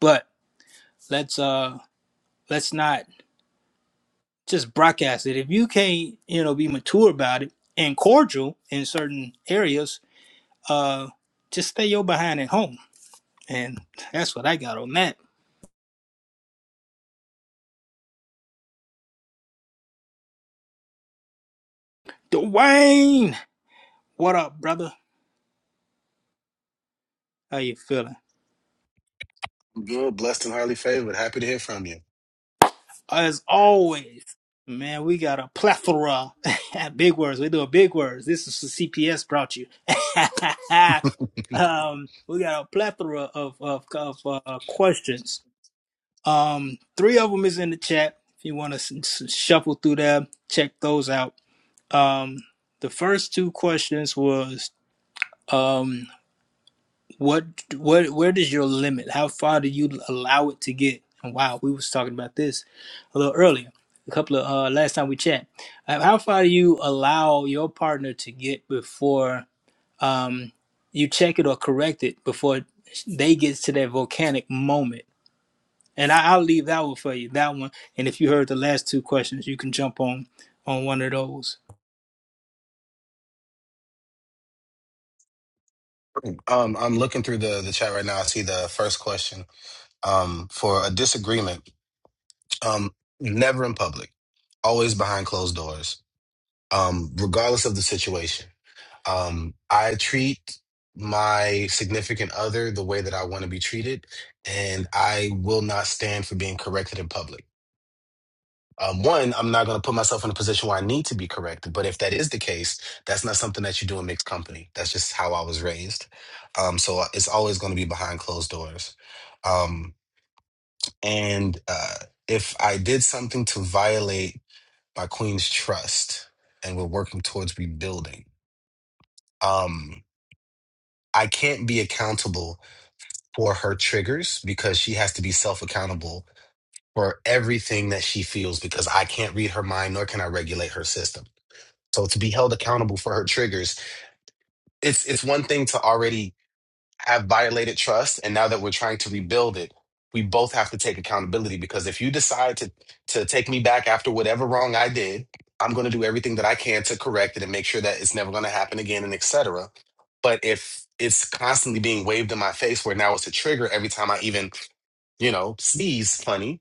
A: but let's uh let's not just broadcast it. If you can't you know be mature about it and cordial in certain areas, uh, just stay your behind at home. And that's what I got on that. Dwayne, what up, brother? How you feeling?
I: Good, blessed and highly favored. Happy to hear from you.
A: As always, man, we got a plethora (laughs) big words. We do a big words. This is the CPS brought you. (laughs) um, we got a plethora of of, of uh, questions. Um, three of them is in the chat. If you want to s- s- shuffle through them, check those out. Um, the first two questions was. um, What what where does your limit? How far do you allow it to get? And wow, we was talking about this a little earlier. A couple of uh last time we chat. Uh, How far do you allow your partner to get before um you check it or correct it before they get to that volcanic moment? And I, I'll leave that one for you, that one. And if you heard the last two questions, you can jump on on one of those.
I: Um, I'm looking through the, the chat right now. I see the first question um, for a disagreement. Um, never in public, always behind closed doors, um, regardless of the situation. Um, I treat my significant other the way that I want to be treated, and I will not stand for being corrected in public. um, one, I'm not going to put myself in a position where I need to be corrected. But if that is the case, that's not something that you do in mixed company. That's just how I was raised. Um, so uh, it's always going to be behind closed doors. Um, and uh, if I did something to violate my queen's trust, and we're working towards rebuilding, um, I can't be accountable for her triggers because she has to be self accountable for everything that she feels because I can't read her mind nor can I regulate her system. So to be held accountable for her triggers, it's it's one thing to already have violated trust, and now that we're trying to rebuild it, we both have to take accountability because if you decide to to take me back after whatever wrong I did, I'm going to do everything that I can to correct it and make sure that it's never going to happen again, and etc. But if it's constantly being waved in my face, where now it's a trigger every time I even you know sneeze funny,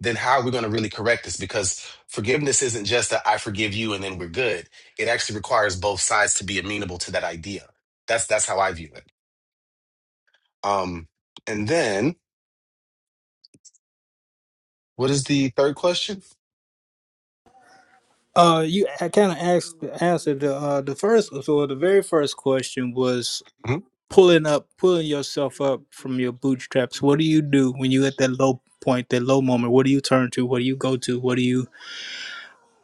I: then how are we going to really correct this? Because forgiveness isn't just that I forgive you and then we're good. It actually requires both sides to be amenable to that idea. That's that's how I view it. Um, and then what is the third question?
A: Uh, you I kind of asked answered the uh, the first so the very first question was
I: Mhm.
A: pulling up, pulling yourself up from your bootstraps, what do you do when you at that low point, that low moment? What do you turn to? What do you go to? What do you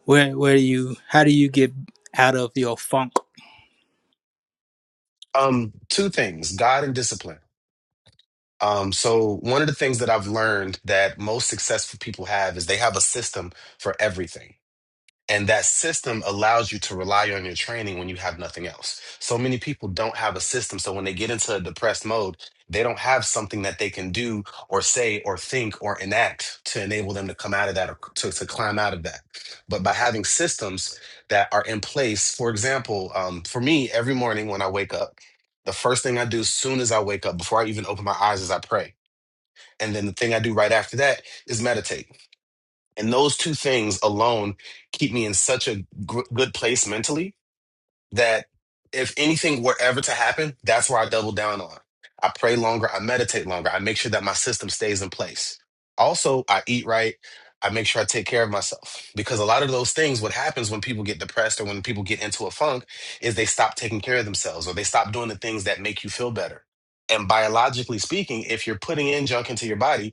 A: where where do you how do you get out of your funk?
I: Um, two things: God and discipline. Um, so one of the things that I've learned that most successful people have is they have a system for everything And that system allows you to rely on your training when you have nothing else. So many people don't have a system. So when they get into a depressed mode, they don't have something that they can do or say or think or enact to enable them to come out of that or to, to climb out of that. But by having systems that are in place, for example, um, for me, every morning when I wake up, the first thing I do as soon as I wake up, before I even open my eyes, is I pray. And then the thing I do right after that is meditate and those two things alone keep me in such a gr- good place mentally that if anything were ever to happen, that's where I double down on. I pray longer, I meditate longer, I make sure that my system stays in place. Also, I eat right, I make sure I take care of myself because a lot of those things, what happens when people get depressed or when people get into a funk is they stop taking care of themselves or they stop doing the things that make you feel better. And biologically speaking, if you're putting in junk into your body,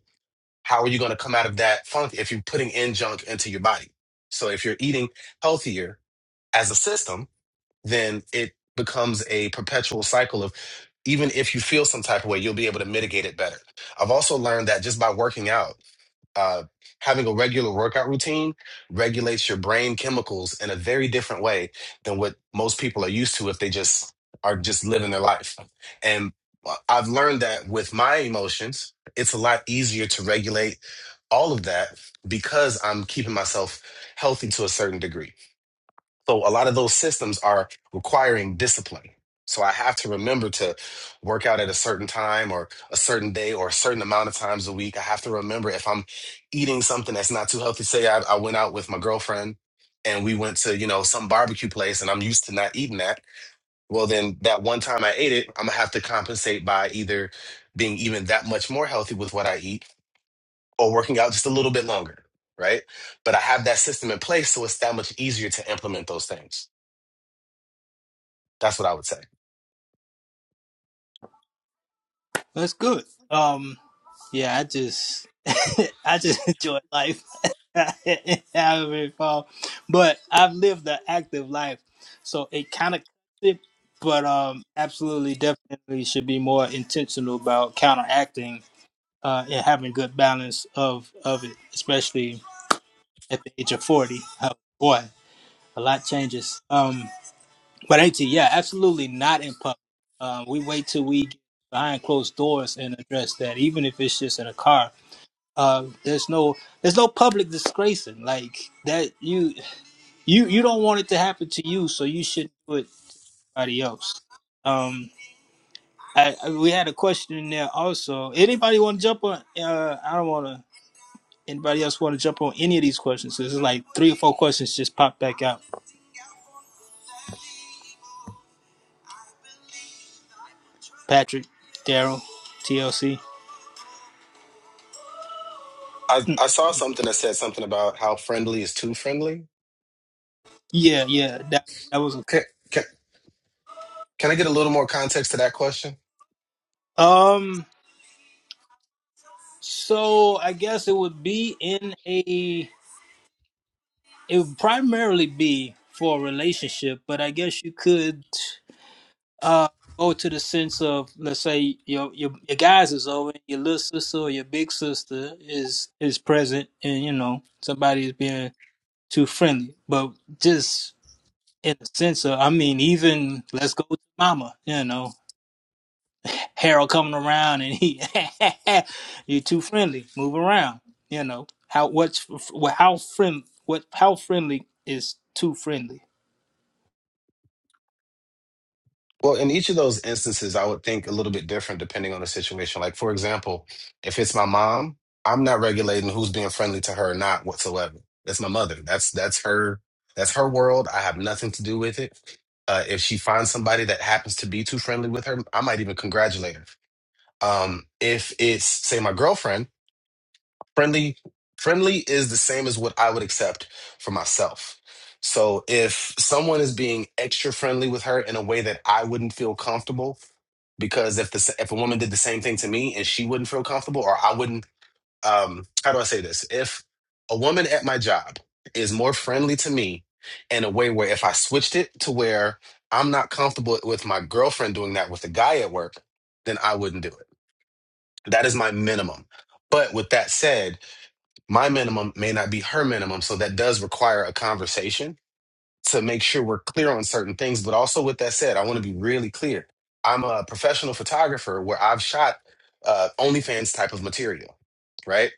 I: how are you going to come out of that funk if you're putting in junk into your body? So if you're eating healthier as a system, then it becomes a perpetual cycle of even if you feel some type of way, you'll be able to mitigate it better. I've also learned that just by working out uh, having a regular workout routine regulates your brain chemicals in a very different way than what most people are used to if they just are just living their life. And uh, I've learned that with my emotions, it's a lot easier to regulate all of that because I'm keeping myself healthy to a certain degree. So a lot of those systems are requiring discipline. So I have to remember to work out at a certain time or a certain day or a certain amount of times a week. I have to remember if I'm eating something that's not too healthy. Say I, I went out with my girlfriend and we went to, you know, some barbecue place and I'm used to not eating that. Well, then that one time I ate it, I'm gonna have to compensate by either being even that much more healthy with what I eat or working out just a little bit longer, right? But I have that system in place, so it's that much easier to implement those things. That's what I would say.
A: That's good. Um yeah, I just (laughs) I just enjoy life. (laughs) However it fall. But I've lived an active life. So it kinda but um absolutely definitely should be more intentional about counteracting uh, and having good balance of of it, especially at the age of forty. Oh, boy, a lot changes. Um, but AT, yeah, absolutely not in public. Um, we wait till we get behind closed doors and address that, even if it's just in a car. Uh, there's no there's no public disgracing like that. You you you don't want it to happen to you, so you shouldn't do it to anybody else. Um, I, I- we had a question in there also. Anybody want to jump on? Uh, I don't want to. Anybody else want to jump on any of these questions? This is like three or four questions just popped back out. Patrick, Daryl, TLC.
I: I, I saw something that said something about how friendly is too friendly.
A: Yeah, yeah, that that was a,
I: Can, can, can I get a little more context to that question?
A: um. So I guess it would be in a. It would primarily be for a relationship, but I guess you could uh go to the sense of let's say your your your guys is over, your little sister or your big sister is is present, and you know somebody is being too friendly, but just in a sense of, I mean, even let's go to mama, you know, Harold coming around and he, (laughs) you are too friendly, move around, you know, how, what's, well, how friend, what, how friendly is too friendly?
I: Well, in each of those instances, I would think a little bit different depending on the situation. Like, for example, if it's my mom, I'm not regulating who's being friendly to her or not whatsoever. That's my mother. That's that's her. That's her world. I have nothing to do with it. Uh, if she finds somebody that happens to be too friendly with her, I might even congratulate her. Um, if it's say my girlfriend friendly friendly is the same as what i would accept for myself so if someone is being extra friendly with her in a way that i wouldn't feel comfortable because if the if a woman did the same thing to me and she wouldn't feel comfortable or i wouldn't um how do i say this if a woman at my job is more friendly to me in a way where if i switched it to where i'm not comfortable with my girlfriend doing that with a guy at work then i wouldn't do it that is my minimum but with that said my minimum may not be her minimum. So that does require a conversation to make sure we're clear on certain things. But also, with that said, I want to be really clear. I'm a professional photographer where I've shot uh, OnlyFans type of material, right?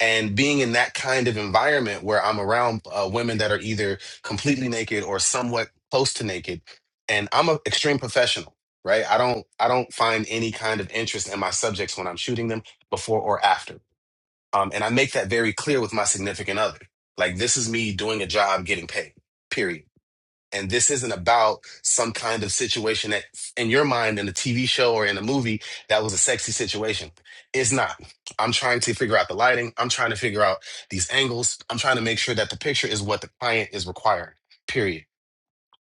I: And being in that kind of environment where I'm around uh, women that are either completely naked or somewhat close to naked, and I'm an extreme professional, right? I don't I don't find any kind of interest in my subjects when I'm shooting them before or after. Um, and I make that very clear with my significant other. Like, this is me doing a job getting paid, period. And this isn't about some kind of situation that, in your mind, in a TV show or in a movie, that was a sexy situation. It's not. I'm trying to figure out the lighting. I'm trying to figure out these angles. I'm trying to make sure that the picture is what the client is requiring, period.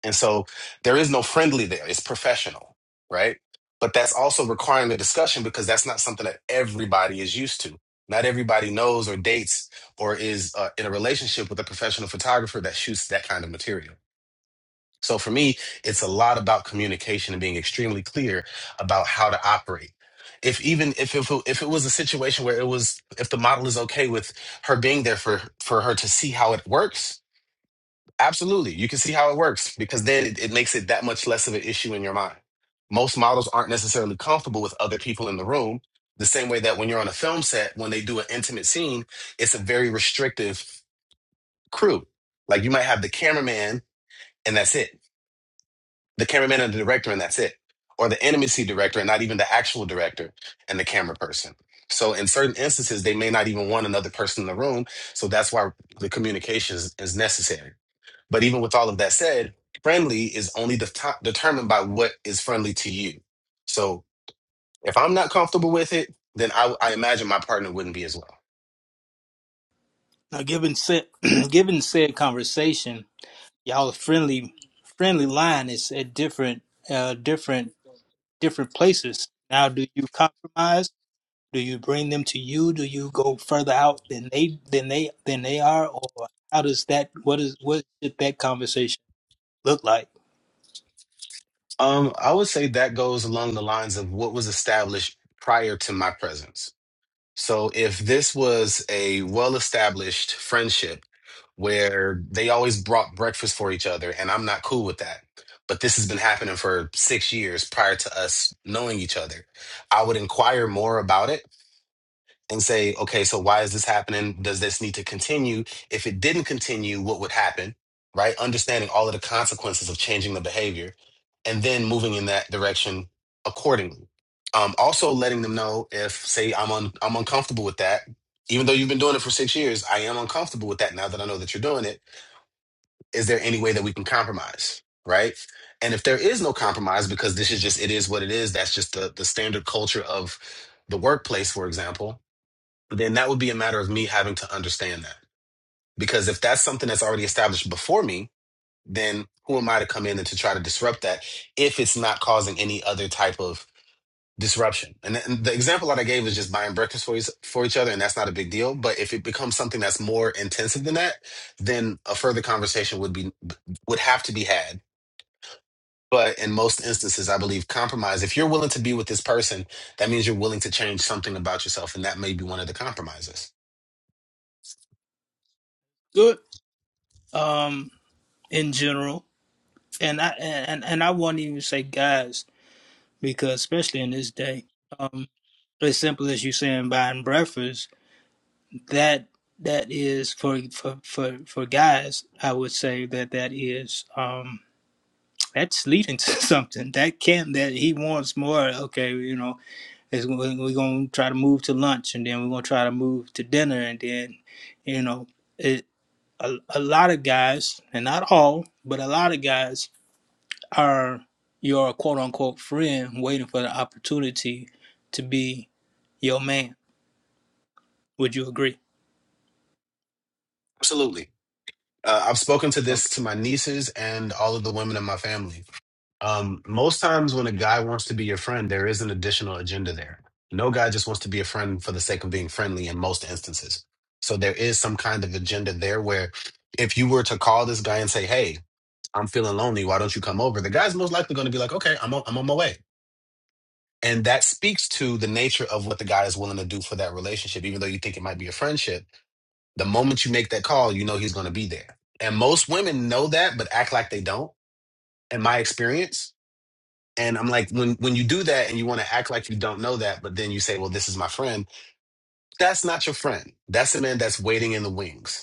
I: And so there is no friendly there. It's professional, right? But that's also requiring the discussion because that's not something that everybody is used to. Not everybody knows or dates or is uh, in a relationship with a professional photographer that shoots that kind of material. So for me, it's a lot about communication and being extremely clear about how to operate. If even if if it, if it was a situation where it was if the model is okay with her being there for for her to see how it works, Absolutely. You can see how it works because then it, it makes it that much less of an issue in your mind. Most models aren't necessarily comfortable with other people in the room, the same way that when you're on a film set, when they do an intimate scene, it's a very restrictive crew. Like you might have the cameraman and that's it, the cameraman and the director and that's it, or the intimacy director and not even the actual director and the camera person. So in certain instances, they may not even want another person in the room. So that's why the communication is, is necessary. But even with all of that said, friendly is only de- determined by what is friendly to you. So if I'm not comfortable with it, then I, I imagine my partner wouldn't be as well.
A: Now, given said, (clears throat) given said conversation, y'all friendly, friendly line is at different, uh, different, different places. Now, do you compromise? Do you bring them to you? Do you go further out than they than they than they are, or how does that? What is what should that conversation look like?
I: Um, I would say that goes along the lines of what was established prior to my presence. So if this was a well established friendship where they always brought breakfast for each other, and I'm not cool with that, but this has been happening for six years prior to us knowing each other, I would inquire more about it and say, okay, so why is this happening? Does this need to continue? If it didn't continue, what would happen? Right? Understanding all of the consequences of changing the behavior and then moving in that direction accordingly. Um, also letting them know if, say, I'm un- I'm uncomfortable with that. Even though you've been doing it for six years, I am uncomfortable with that now that I know that you're doing it. Is there any way that we can compromise? Right? And if there is no compromise, because this is just it is what it is, that's just the the standard culture of the workplace, for example, but then that would be a matter of me having to understand that. Because if that's something that's already established before me, then who am I to come in and to try to disrupt that if it's not causing any other type of disruption? And, th- and the example that I gave is just buying breakfast for, each- for each other, and that's not a big deal. But if it becomes something that's more intensive than that, then a further conversation would be would have to be had. But in most instances, I believe compromise. If you're willing to be with this person, that means you're willing to change something about yourself, and that may be one of the compromises.
A: Good. Um, in general, and I and and I won't even say guys because especially in this day, um, as simple as you saying buying breakfast, that that is for for for for guys. I would say that that is um that's leading to (laughs) something that can that he wants more. Okay, you know It's, we're going to try to move to lunch and then we're going to try to move to dinner. And then, you know, it, a, a lot of guys, and not all, but a lot of guys are your quote unquote friend waiting for the opportunity to be your man. Would you agree?
I: Absolutely. uh, I've spoken to this to my nieces and all of the women in my family. Um, most times when a guy wants to be your friend, there is an additional agenda there. No guy just wants to be a friend for the sake of being friendly in most instances. So there is some kind of agenda there where if you were to call this guy and say, hey, I'm feeling lonely, why don't you come over? The guy's most likely going to be like, okay, I'm on, I'm on my way. And that speaks to the nature of what the guy is willing to do for that relationship, even though you think it might be a friendship the moment you make that call, you know he's going to be there. And most women know that, but act like they don't, in my experience. And I'm like, when, when you do that and you want to act like you don't know that, but then you say, well, this is my friend, that's not your friend. That's the man that's waiting in the wings.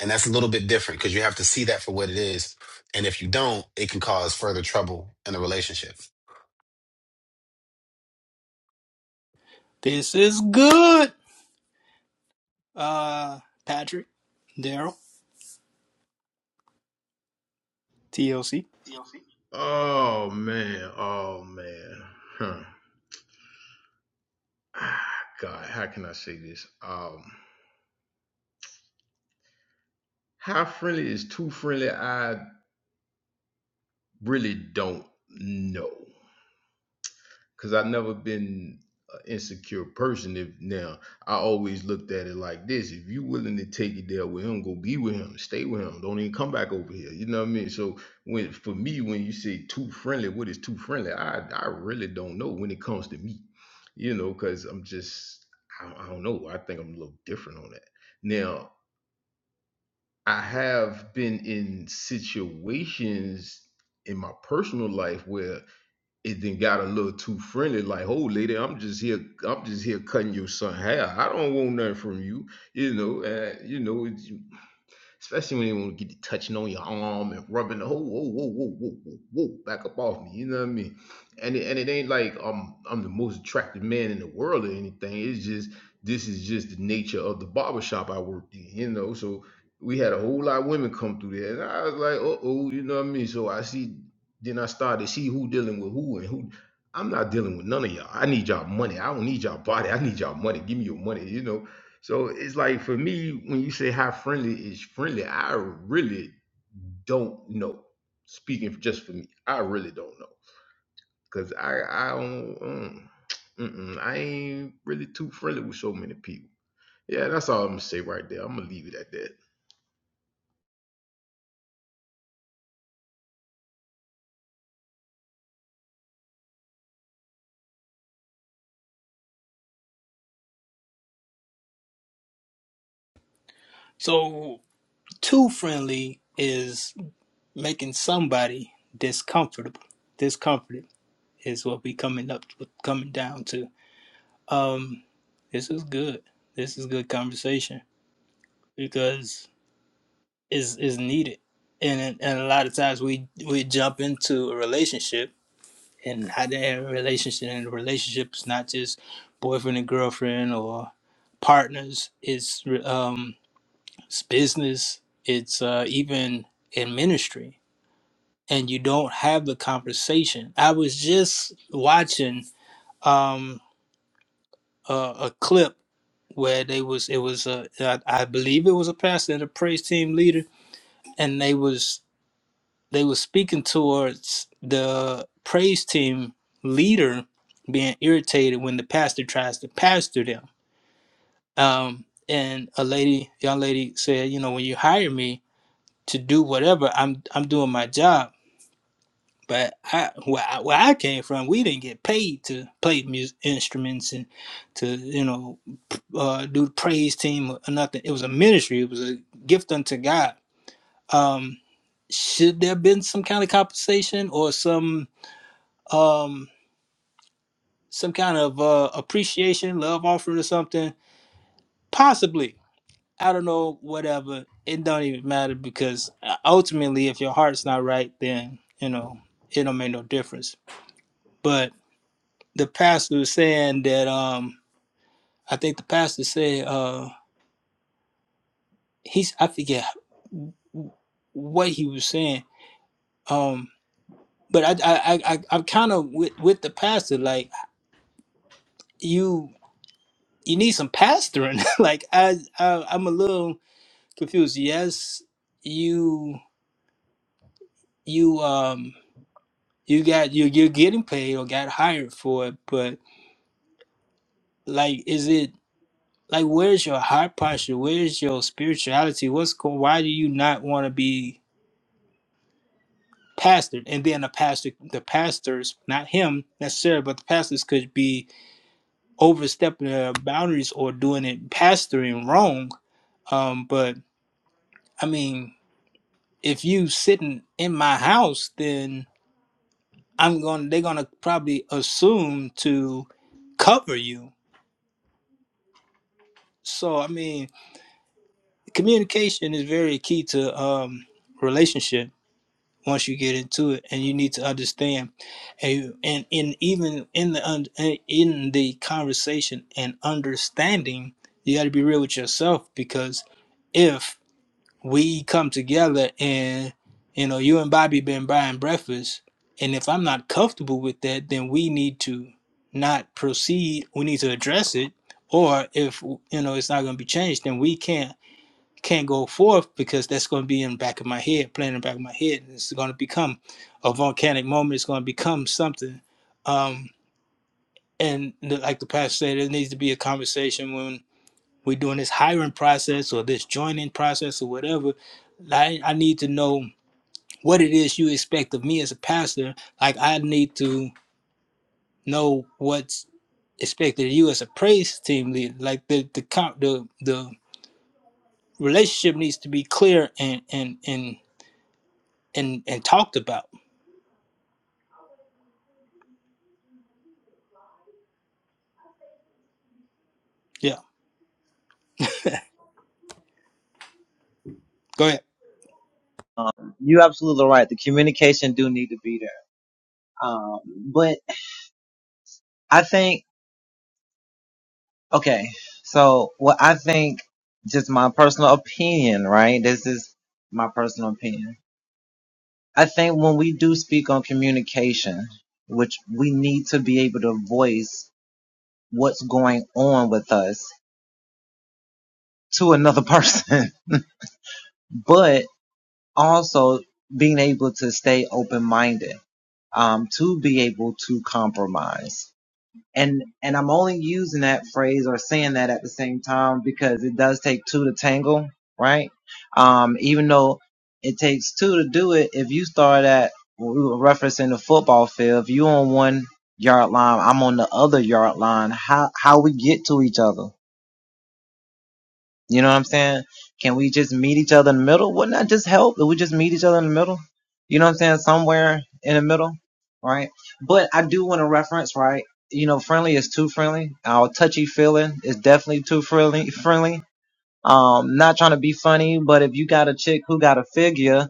I: And that's a little bit different because you have to see that for what it is. And if you don't, it can cause further trouble in the relationship.
A: This is good, uh, Patrick, Daryl, TLC.
E: Tlc. Oh man, oh man. Huh. ah, God, how can I say this? Um, how friendly is too friendly? I really don't know because I've never been an insecure person. If now I always looked at it like this: if you willing to take it there with him, go be with him, stay with him, don't even come back over here. You know what I mean? So when for me, when you say too friendly, what is too friendly? I I really don't know when it comes to me. You know, because I'm just I, I don't know. I think I'm a little different on that now. I have been in situations in my personal life where it then got a little too friendly. Like, oh, lady, I'm just here. I'm just here cutting your son hair. I don't want nothing from you. You know, uh, you know especially when they want to get to touching on your arm and rubbing the whole whoa whoa whoa whoa whoa whoa back up off me. You know what I mean? And it, and it ain't like I'm I'm the most attractive man in the world or anything. It's just this is just the nature of the barbershop I worked in. You know, so we had a whole lot of women come through there, and I was like, uh oh, you know what I mean? So I see. Then I started to see who dealing with who and who. I'm not dealing with none of y'all. I need y'all money. I don't need y'all body. I need y'all money. Give me your money, you know. So it's like for me, when you say how friendly is friendly, I really don't know. Speaking just for me, I really don't know because I I don't um, (tsk) mm-mm, I ain't really too friendly with so many people. Yeah, that's all I'm gonna say right there. I'm gonna leave it at that.
A: So, too friendly is making somebody discomfortable, discomforted. is what we coming up coming down to. Um, this is good. This is good conversation because is is needed, and and a lot of times we we jump into a relationship and how that relationship and the relationship is not just boyfriend and girlfriend or partners. It's um it's business. It's uh, even in ministry, and you don't have the conversation. I was just watching um a, a clip where they was it was a I, I believe it was a pastor and a praise team leader and they was they was speaking towards the praise team leader being irritated when the pastor tries to pastor them um and a lady young lady said you know when you hire me to do whatever i'm i'm doing my job But I where, I where I came from, we didn't get paid to play music instruments and to you know uh, do the praise team or nothing. It was a ministry. It was a gift unto God. Um, should there have been some kind of compensation or some um, some kind of uh, appreciation, love offering or something? Possibly. I don't know. Whatever. It don't even matter because uh, ultimately, if your heart's not right, then you know it don't make no difference. But. the pastor was saying that um I think the pastor said uh he's I forget what he was saying um but I I I I- am kind of with with the pastor like you you need some pastoring (laughs) like I, I I'm a little confused yes you you um you got you you're getting paid or got hired for it but like is it like where's your heart posture where's your spirituality what's going why do you not want to be pastored and then the pastor the pastors not him necessarily but the pastors could be overstepping their boundaries or doing it pastoring wrong um but i mean if you sitting in my house then i'm going they're going to probably assume to cover you so i mean communication is very key to um relationship once you get into it and you need to understand and and, and even in the in the conversation and understanding you got to be real with yourself because if we come together and you know you and bobby been buying breakfast and if i'm not comfortable with that then we need to not proceed we need to address it or if you know it's not going to be changed then we can't can't go forth because that's going to be in the back of my head, playing in the back of my head. It's going to become a volcanic moment. It's going to become something. Um, and like the pastor said, there needs to be a conversation when we're doing this hiring process or this joining process or whatever. I, I need to know what it is you expect of me as a pastor. Like I need to know what's expected of you as a praise team leader. Like the the co- the the relationship needs to be clear and and and and and talked about Yeah. Go ahead.
B: Um, you're absolutely right. The communication do need to be there, um, but I think. Okay, so what I think, just my personal opinion, right? This is my personal opinion. I think when we do speak on communication, which we need to be able to voice what's going on with us to another person, (laughs) but also being able to stay open minded, um, to be able to compromise. And, and I'm only using that phrase or saying that at the same time because it does take two to tangle, right? Um, even though it takes two to do it, if you start at we were referencing the football field, if you on one yard line, I'm on the other yard line, how, how we get to each other? You know what I'm saying? Can we just meet each other in the middle? Wouldn't that just help if we just meet each other in the middle? You know what I'm saying? Somewhere in the middle, right? But I do want to reference, right? You know, friendly is too friendly. Our touchy feeling is definitely too friendly. Friendly. Um, not trying to be funny, but if you got a chick who got a figure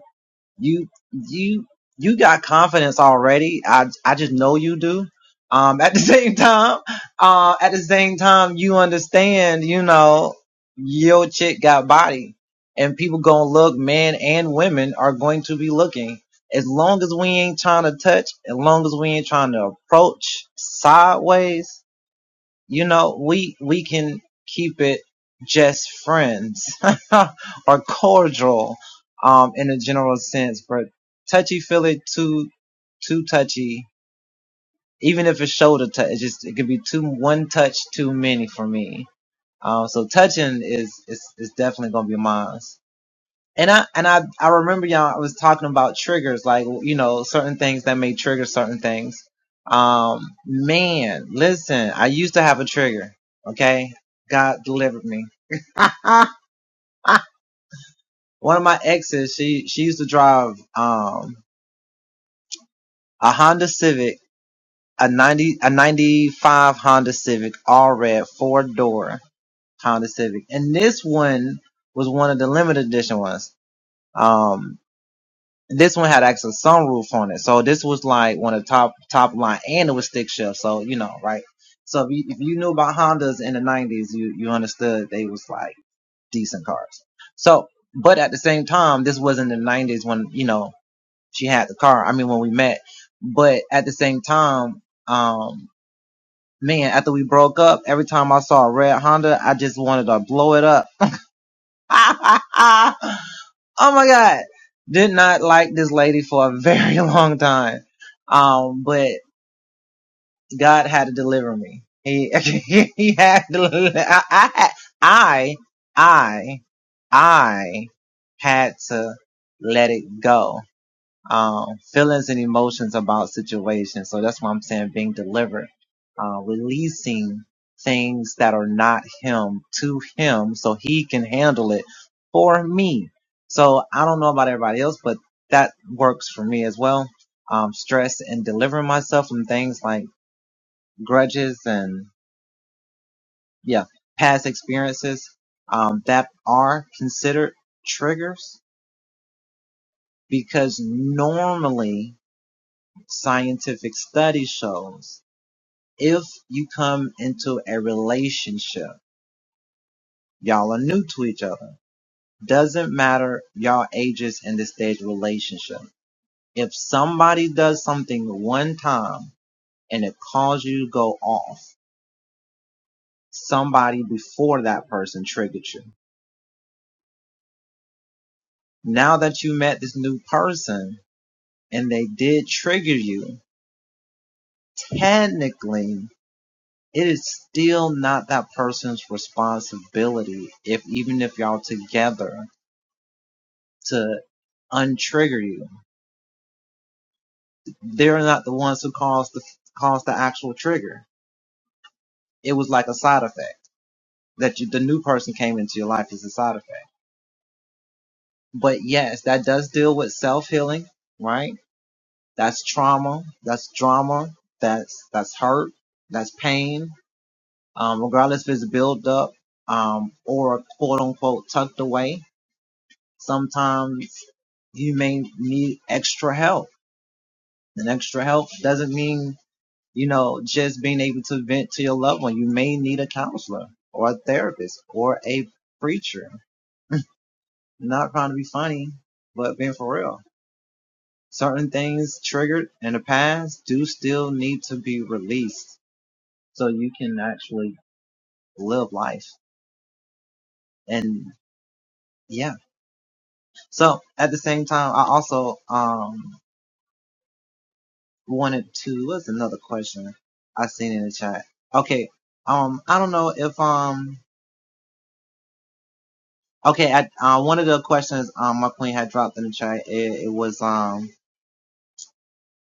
B: you you you got confidence already. I I just know you do. Um, at the (laughs) same time, uh, at the same time, you understand, you know, your chick got body, and people gonna look. Men and women are going to be looking. As long as we ain't trying to touch, as long as we ain't trying to approach sideways, you know, we we can keep it just friends (laughs) or cordial, um, in a general sense. But touchy feely too too touchy. Even if it's shoulder touch, it just it could be too one touch too many for me. Um, so touching is is is definitely gonna be mine. And I and I I remember y'all I was talking about triggers, like you know, certain things that may trigger certain things. Um man, listen, I used to have a trigger, okay? God delivered me. (laughs) One of my exes, she she used to drive um a Honda Civic, a 90 a 95 Honda Civic, all red, four door Honda Civic. And this one was one of the limited edition ones. Um this one had actually sunroof on it. So this was like one of the top top line, and it was stick shift. So you know, right? So if you, if you knew about Hondas in the '90s, you you understood they was like decent cars. So, but at the same time, this wasn't the '90s when you know she had the car. I mean, when we met. But at the same time, um, man, after we broke up, every time I saw a red Honda, I just wanted to blow it up (laughs) oh my God. Did not like this lady for a very (laughs) long time. Um, but God had to deliver me. He, (laughs) he had to, I, I, had- I, I I had to let it go um, feelings and emotions about situations. So that's why I'm saying being delivered, uh, releasing things that are not him to him so he can handle it for me. So I don't know about everybody else, but that works for me as well. Um, stress and delivering myself from things like grudges and yeah, past experiences, um, that are considered triggers because normally scientific study shows if you come into a relationship, y'all are new to each other. Doesn't matter y'all ages in this stage of relationship. If somebody does something one time and it caused you to go off, somebody before that person triggered you. Now that you met this new person and they did trigger you, technically it is still not that person's responsibility if even if y'all together to untrigger you. They're not the ones who caused the caused the actual trigger. It was like a side effect that you, the new person came into your life as a side effect. But yes, that does deal with self healing, right? That's trauma. That's drama. That's that's hurt. That's pain. Um, regardless if it's built up um, or quote unquote tucked away, sometimes you may need extra help. And extra help doesn't mean you know, just being able to vent to your loved one. You may need a counselor or a therapist or a preacher. Not trying to be funny, but being for real. Certain things triggered in the past do still need to be released so you can actually live life. And yeah. So at the same time, I also, um, wanted to, what's another question I seen in the chat? Okay. Um, I don't know if, um, Okay, I, uh, one of the questions um, my queen had dropped in the chat, it, it was um,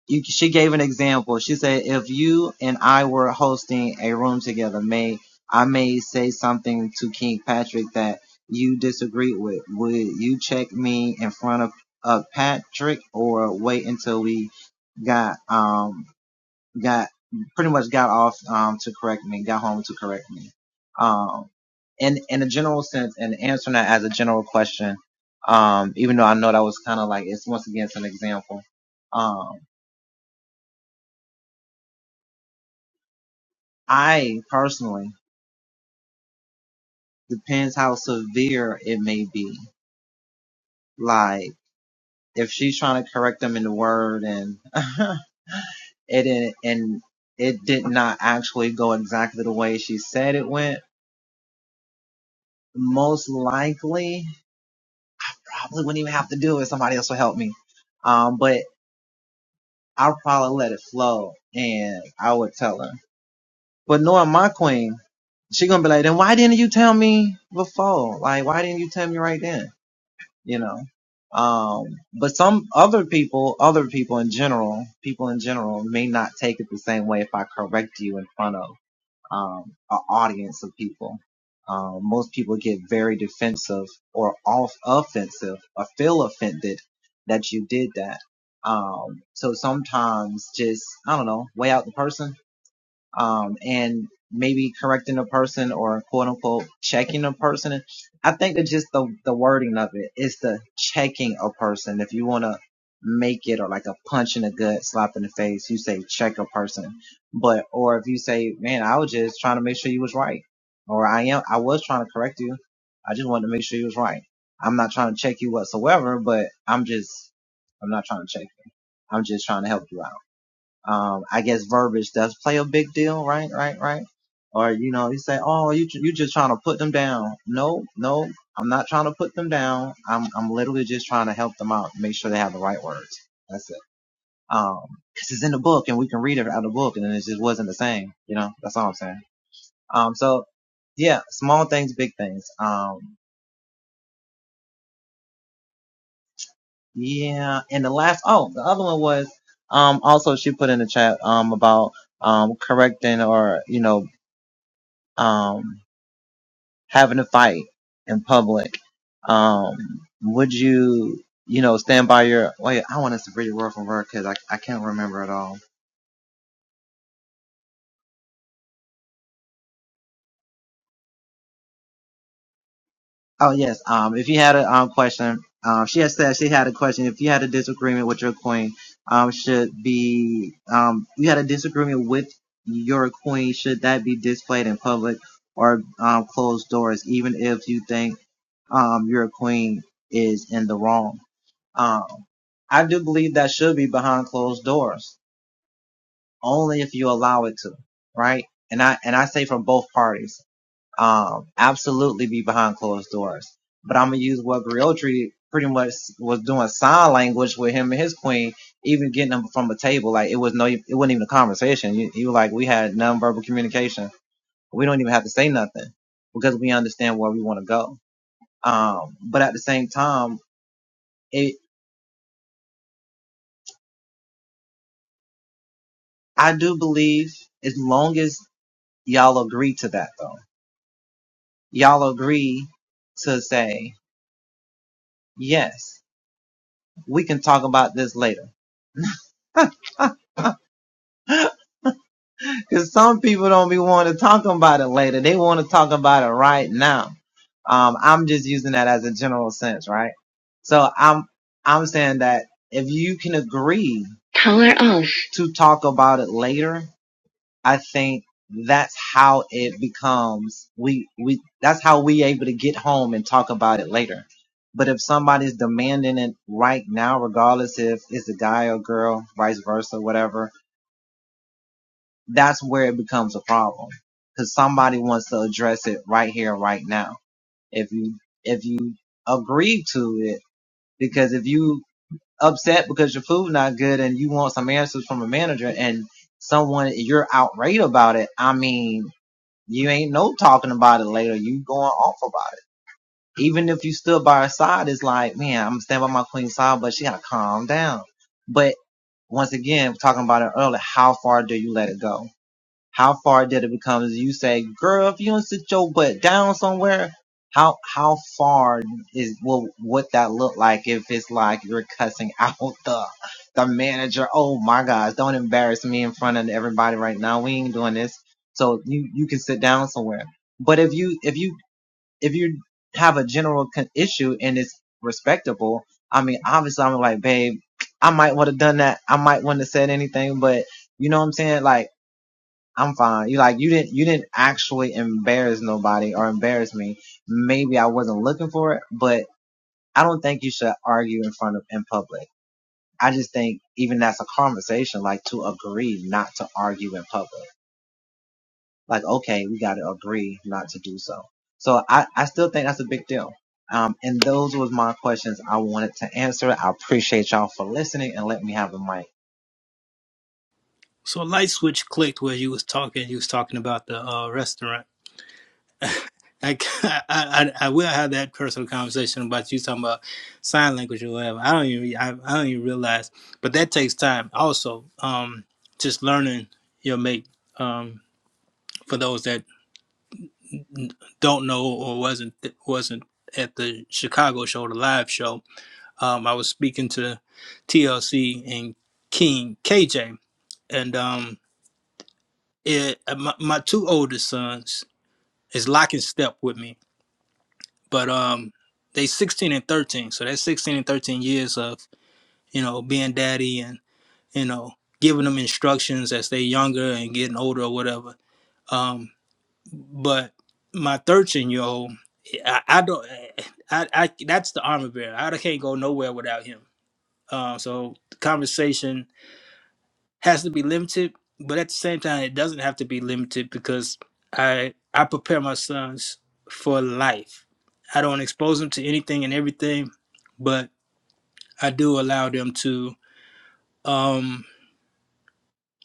B: you, she gave an example. She said, if you and I were hosting a room together, may I may say something to King Patrick that you disagree with. Would you check me in front of, of Patrick or wait until we got um, got pretty much got off um, to correct me, got home to correct me. Um, in in a general sense, and answering that as a general question, um, even though I know that was kind of like it's once again it's an example. Um, I personally depends how severe it may be. Like if she's trying to correct them in the word and (laughs) it didn't- and it did not actually go exactly the way she said it went, most likely I really wouldn't even have to do it. Somebody else would help me. Um, but I'll probably let it flow and I would tell her. But knowing my queen, she gonna be like, then why didn't you tell me before? Like, why didn't you tell me right then? You know. Um, but some other people, other people in general, people in general may not take it the same way if I correct you in front of um, an audience of people. Um, most people get very defensive or off offensive or feel offended that you did that. Um, so sometimes just, I don't know, weigh out the person um, and maybe correcting a person or quote unquote checking a person. I think that just the, the wording of it is the checking a person. If you want to make it or like a punch in the gut, slap in the face, you say check a person. But, or if you say, man, I was just trying to make sure you was right. Or I am, I was trying to correct you. I just wanted to make sure you was right. I'm not trying to check you whatsoever, but I'm just, I'm not trying to check you. I'm just trying to help you out um, I guess verbiage does play a big deal, right, right, right? Or you know, you say, "Oh, you you just trying to put them down." No, no, I'm not trying to put them down. I'm I'm literally just trying to help them out, make sure they have the right words. That's it. Um, because it's in the book and we can read it out of the book, and it just wasn't the same. You know, that's all I'm saying. Um, so yeah, small things, big things. Um, yeah, and the last, oh, the other one was, um, also she put in the chat, um, about, um, correcting or, you know, um, having a fight in public, um, would you, you know, stand by your, wait, I want us to read it word for word because I, I can't remember it all. Oh, yes. Um, if you had a um, question, um, she had said she had a question. If you had a disagreement with your queen, um, should be, um, you had a disagreement with your queen, should that be displayed in public or um, closed doors, even if you think um, your queen is in the wrong? Um, I do believe that should be behind closed doors, only if you allow it to, right? And I and I say from both parties, um, absolutely be behind closed doors. But I'm gonna use what Griotri pretty much was doing sign language with him and his queen, even getting them from a table. Like it was no, it wasn't even a conversation. You, you were like we had nonverbal communication. We don't even have to say nothing because we understand where we want to go. Um, but at the same time, it I do believe as long as Y'all agree to that though. Y'all agree to say, yes, we can talk about this later. (laughs) Cause some people don't be wanting to talk about it later. They want to talk about it right now. Um, I'm just using that as a general sense, right? So I'm, I'm saying that if you can agree color off to talk about it later, I think that's how it becomes we we that's how we able to get home and talk about it later. But if somebody's demanding it right now, regardless if it's a guy or girl, vice versa, whatever, that's where it becomes a problem. Cause somebody wants to address it right here, right now. If you if you agree to it, because if you upset because your food not good and you want some answers from a manager and someone you're outraged about it, I mean you ain't no talking about it later. You going off about it. Even if you stood by her side, it's like, man, I'm standing by my queen's side, but she gotta calm down. But once again, talking about it earlier, how far do you let it go? How far did it become? you say, girl, if you don't sit your butt down somewhere, how how far is will what that look like if it's like you're cussing (laughs) out the the manager? Oh my gosh, don't embarrass me in front of everybody right now. We ain't doing this. So you you can sit down somewhere. But if you if you if you have a general con- issue and it's respectable, I mean, obviously I'm like, babe, I might would have done that. I might wouldn't have said anything, but you know what I'm saying? Like I'm fine. You like you didn't you didn't actually embarrass nobody or embarrass me. Maybe I wasn't looking for it, but I don't think you should argue in front of in public. I just think even that's a conversation, like to agree not to argue in public. Like, okay, we gotta agree not to do so. So I, I still think that's a big deal. Um, and those was my questions I wanted to answer. I appreciate y'all for listening and let me have the mic.
A: So a light switch clicked where you was talking. You was talking about the uh, restaurant. I, (laughs) I I I will have that personal conversation about you talking about sign language or whatever. I don't even I, I don't even realize, but that takes time. Also, um, just learning your mate. Um, for those that don't know or wasn't wasn't at the Chicago show, the live show, um, I was speaking to TLC and King KJ, and um, it, uh, my, my two oldest sons is lock and step with me, but um, they 16 and 13. So that's 16 and 13 years of you know being daddy and you know giving them instructions as they younger and getting older or whatever. Um, but my 13 year old, I, I don't, I, I that's the armor bearer. I can't go nowhere without him. Um, so the conversation has to be limited, but at the same time, it doesn't have to be limited because I I prepare my sons for life. I don't expose them to anything and everything, but I do allow them to, um,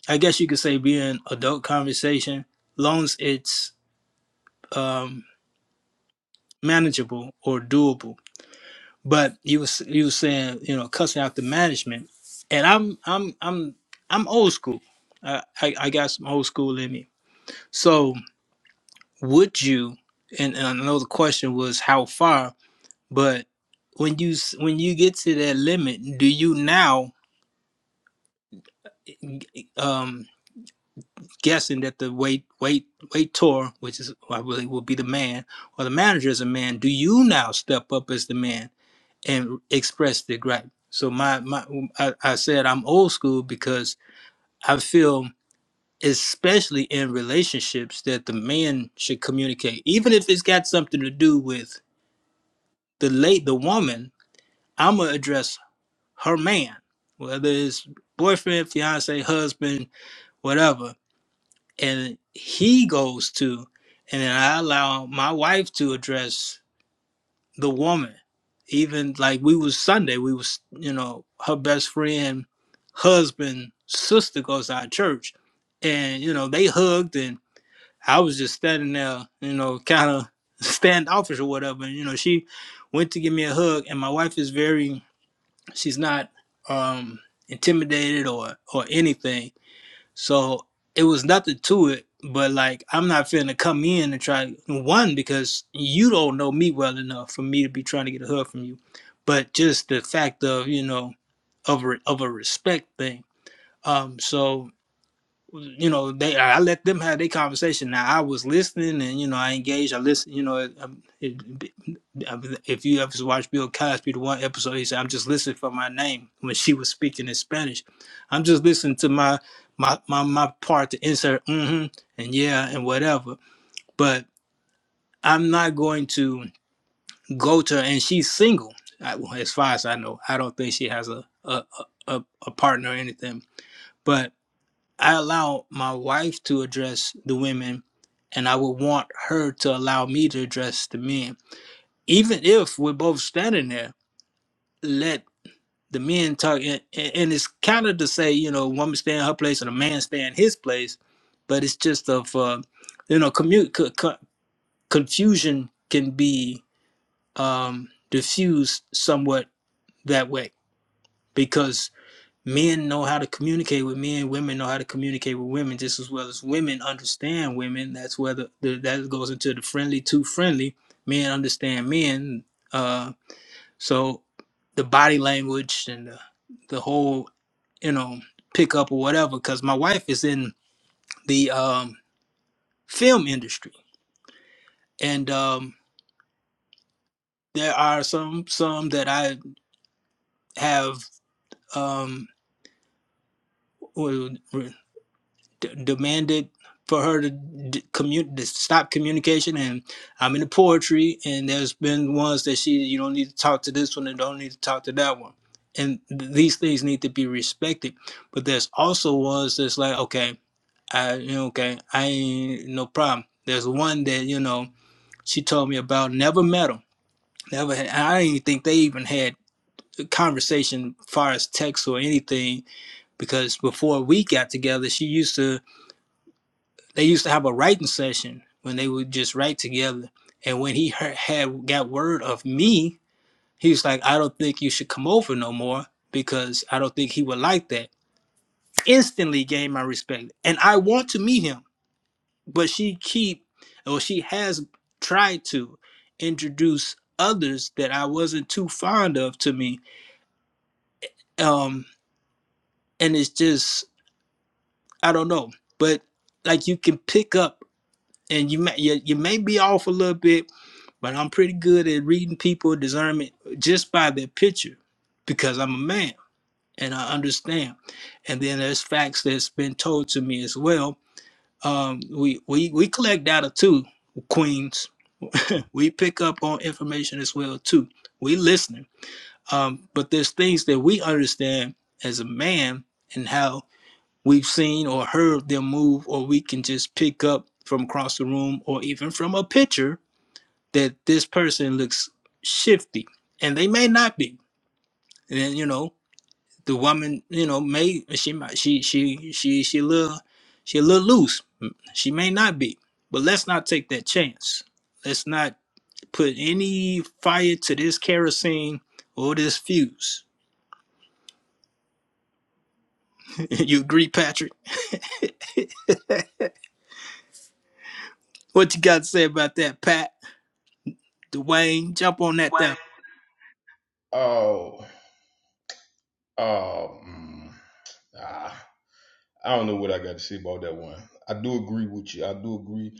A: I guess you could say, be in adult conversation, long as it's um, manageable or doable. But you was you was saying you know cussing out the management, and I'm I'm I'm I'm old school. I I, I got some old school in me, so. would you and, and i know the question was how far but when you when you get to that limit do you now um guessing that the wait wait wait tour which is i really will be the man or the manager is a man do you now step up as the man and express the gripe so my my i, I said i'm old school because i feel especially in relationships that the man should communicate even if it's got something to do with the late the woman I'm gonna address her man, whether it's boyfriend, fiance, husband, whatever. And he goes to, and then I allow my wife to address the woman. Even like we was Sunday, we was you know her best friend, husband, sister goes to our church, and you know they hugged, and I was just standing there, you know, kind of (laughs) standoffish or whatever. And, you know, she went to give me a hug, and my wife is very she's not um intimidated or or anything so it was nothing to it but like i'm not finna come in and try one because you don't know me well enough for me to be trying to get a hug from you but just the fact of you know of a, of a respect thing um so you know they i let them have their conversation now i was listening and you know i engaged i listened you know um, it, it, if you ever watched bill cosby the one episode he said i'm just listening for my name when she was speaking in spanish i'm just listening to my my my, my part to insert hmm and yeah and whatever but i'm not going to go to her and she's single I, well, as far as i know i don't think she has a a, a, a a partner or anything But I allow my wife to address the women, and I would want her to allow me to address the men. Even if we're both standing there, let the men talk. And, and it's kind of to say, you know, woman stay in her place and a man stay in his place, but it's just of, uh, you know, commute, co- co- confusion can be um, diffused somewhat that way because men know how to communicate with men women know how to communicate with women just as well as women understand women that's where the, the that goes into the friendly to friendly men understand men uh so the body language and the, the whole you know pickup or whatever because my wife is in the um film industry and um there are some some that i have um well, d- demanded for her to d- commu- to stop communication and i'm into poetry and there's been ones that she you don't need to talk to this one and don't need to talk to that one and th- these things need to be respected but there's also ones that's like okay i you know, okay i ain't no problem there's one that you know she told me about never met him never had, i didn't even think they even had a conversation as far as text or anything because before we got together she used to they used to have a writing session when they would just write together. And when he heard, had got word of me, he was like, "I don't think you should come over no more because I don't think he would like that." Instantly gained my respect, and I want to meet him, but she keep or she has tried to introduce others that I wasn't too fond of to me, um, and it's just I don't know, but like you can pick up and you may you, you may be off a little bit but I'm pretty good at reading people discernment just by their picture because I'm a man and I understand. And then there's facts that's been told to me as well. Um, we, we we collect data too, queens. We pick up on information as well too. We listening. Um, but there's things that we understand as a man and how we've seen or heard them move, or we can just pick up from across the room or even from a picture that this person looks shifty and they may not be and then, you know the woman you know may she might she she she she a little she a little loose she may not be but let's not take that chance let's not put any fire to this kerosene or this fuse (laughs) you agree patrick what you got to say about that pat dwayne jump on that there
E: Way. Oh, oh, mm, ah. I don't know what I got to say about that one. I do agree with you. I do agree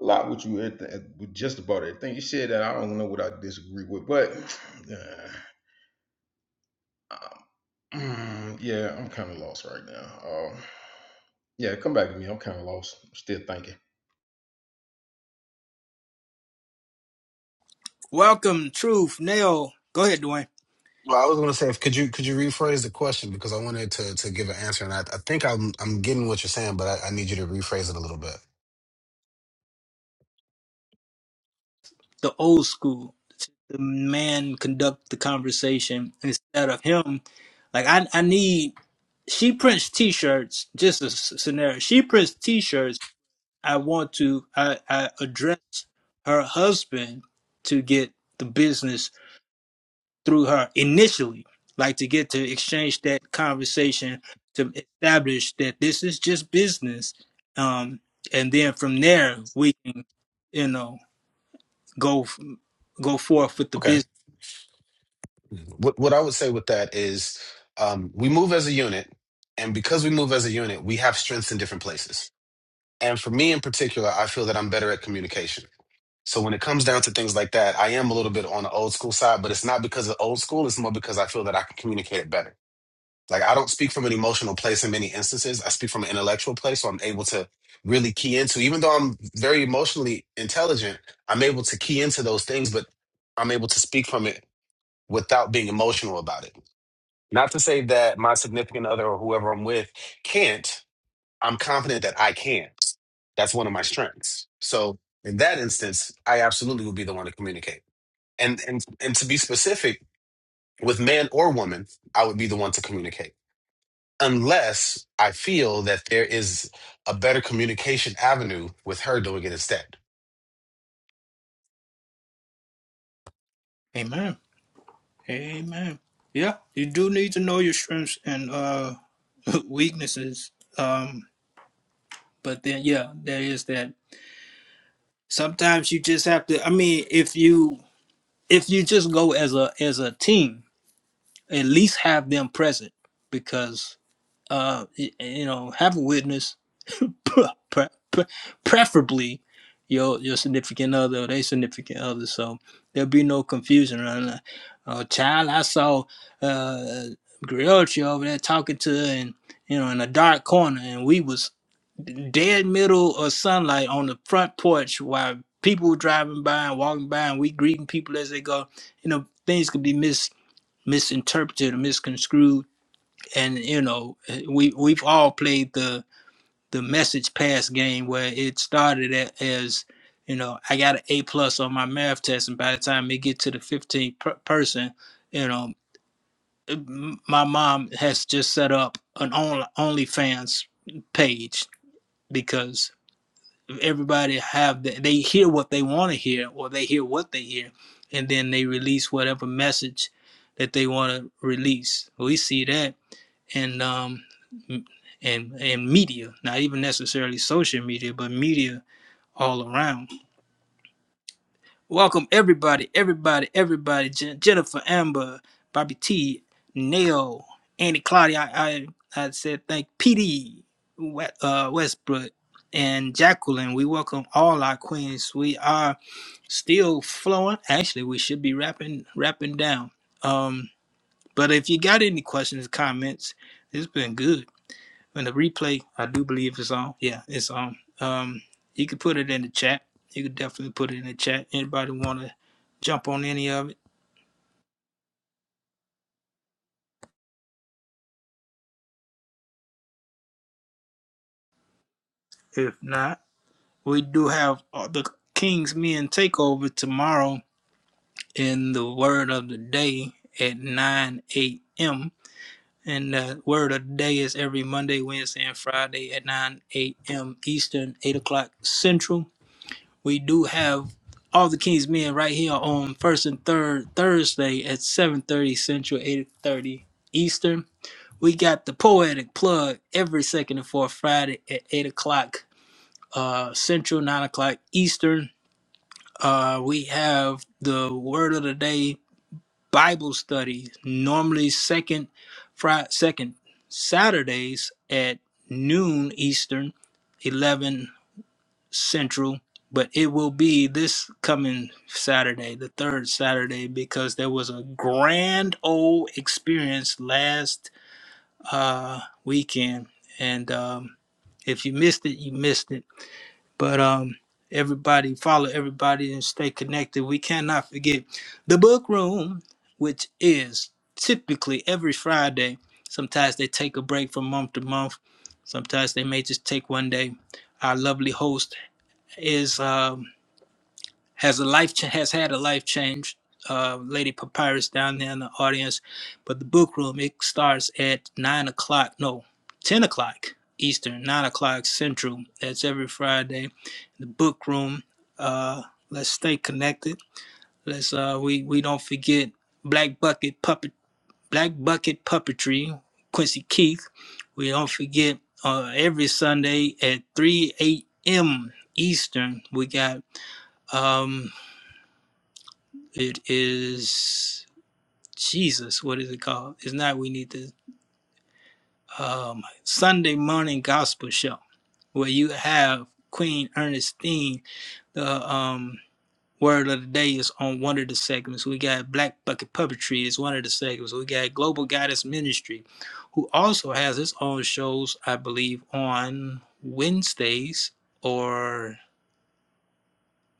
E: a lot with you at, the, at with just about everything you said. That I don't know what I disagree with, but uh, um, (clears throat) yeah, I'm kind of lost right now. Um, yeah, come back to me. I'm kind of lost. I'm still thinking.
A: welcome truth nail go ahead dwayne
I: Well, I was going to say, if- could you could you rephrase the question because I wanted to to give an answer, and I, I think I'm I'm getting what you're saying, but I, I need you to rephrase it a little bit.
A: the old school. The man conduct the conversation instead of him. Like I, I need. She prints T-shirts. Just a s- scenario. She prints T-shirts. I want to. I, I address her husband to get the business through her initially. Like to get to exchange that conversation to establish that this is just business. Um, and then from there we can, you know, go f- go forth with the
I: Okay.
A: business
I: what what I would say with that is um, we move as a unit, and because we move as a unit, we have strengths in different places. And for me in particular, I feel that I'm better at communication. So when it comes down to things like that, I am a little bit on the old school side, but it's not because of old school. It's more because I feel that I can communicate it better. Like I don't speak from an emotional place in many instances. I speak from an intellectual place, so I'm able to really key into. Even though I'm very emotionally intelligent, I'm able to key into those things, but I'm able to speak from it without being emotional about it. Not to say that my significant other or whoever I'm with can't. I'm confident that I can. That's one of my strengths. So in that instance, I absolutely would be the one to communicate. And and and to be specific, with man or woman, I would be the one to communicate unless I feel that there is a better communication avenue with her doing it instead.
A: Amen. Amen. Yeah, you do need to know your strengths and uh (laughs) weaknesses. Um, but then yeah, there is that. Sometimes you just have to I mean, if you if you just go as a as a team, at least have them present because uh y- you know, have a witness pre- pre- pre- preferably your your significant other or their significant other, so there'll be no confusion around that. Uh, child, I saw uh, Griotri over there talking to her and you know in a dark corner, and we was dead middle of sunlight on the front porch while people were driving by and walking by, and we greeting people as they go. You know, things could be mis misinterpreted or misconstrued, and you know, eh, we we've all played the the message pass game where it started at, as you know i got an a plus on my math test and by the time it get to the 15th per- person you know my mom has just set up an only onlyfans page because everybody have the, they hear what they want to hear or they hear what they hear and then they release whatever message that they want to release we see that and um and and media not even necessarily social media but media all around welcome everybody everybody everybody Jen- jennifer amber bobby t nail andy claudia i i, I said thank pd We- uh, westbrook and Jacqueline, we welcome all our queens. We are still flowing. Actually, we should be wrapping wrapping down. Um, but if you got any questions, comments, it's been good. And the replay, I do believe it's on. Yeah, it's on. Um, you could put it in the chat. You could definitely put it in the chat. Anybody want to jump on any of it? If not, we do have uh, the King's Men takeover tomorrow in the Word of the Day at 9 a.m. And the Word of the Day is every Monday, Wednesday, and Friday at 9 a.m. Eastern, 8 o'clock Central. we do have all the King's Men right here on first and third Thursday at 7:30 Central, 8:30 Eastern. We got the poetic plug every second and fourth Friday at 8 o'clock uh, Central, 9 o'clock Eastern. Uh, we have the Word of the Day Bible study, normally second Friday, second Saturdays at noon Eastern, 11. Central, but it will be this coming Saturday, the third Saturday, because there was a grand old experience last uh, weekend, and um, if you missed it, you missed it. But um, everybody, follow everybody and stay connected. We cannot forget the book room, which is typically every Friday. Sometimes they take a break from month to month. Sometimes they may just take one day. Our lovely host is. um, has a life cha- has had a life change. Uh, Lady Papyrus down there in the audience, but the book room it starts at nine o'clock. No, ten o'clock Eastern, nine o'clock Central. That's every Friday. The book room. Uh, let's stay connected. Let's uh, we we don't forget Black Bucket puppet Black Bucket puppetry. Quincy Keith. We don't forget uh, every Sunday at three a.m. Eastern. We got. um, it is Jesus. What is it called? It's not. We need the um, Sunday morning gospel show, where you have Queen Ernestine. The um, word of the day is on one of the segments. We got Black Bucket Puppetry is one of the segments. We got Global Goddess Ministry, who also has its own shows, I believe, on Wednesdays or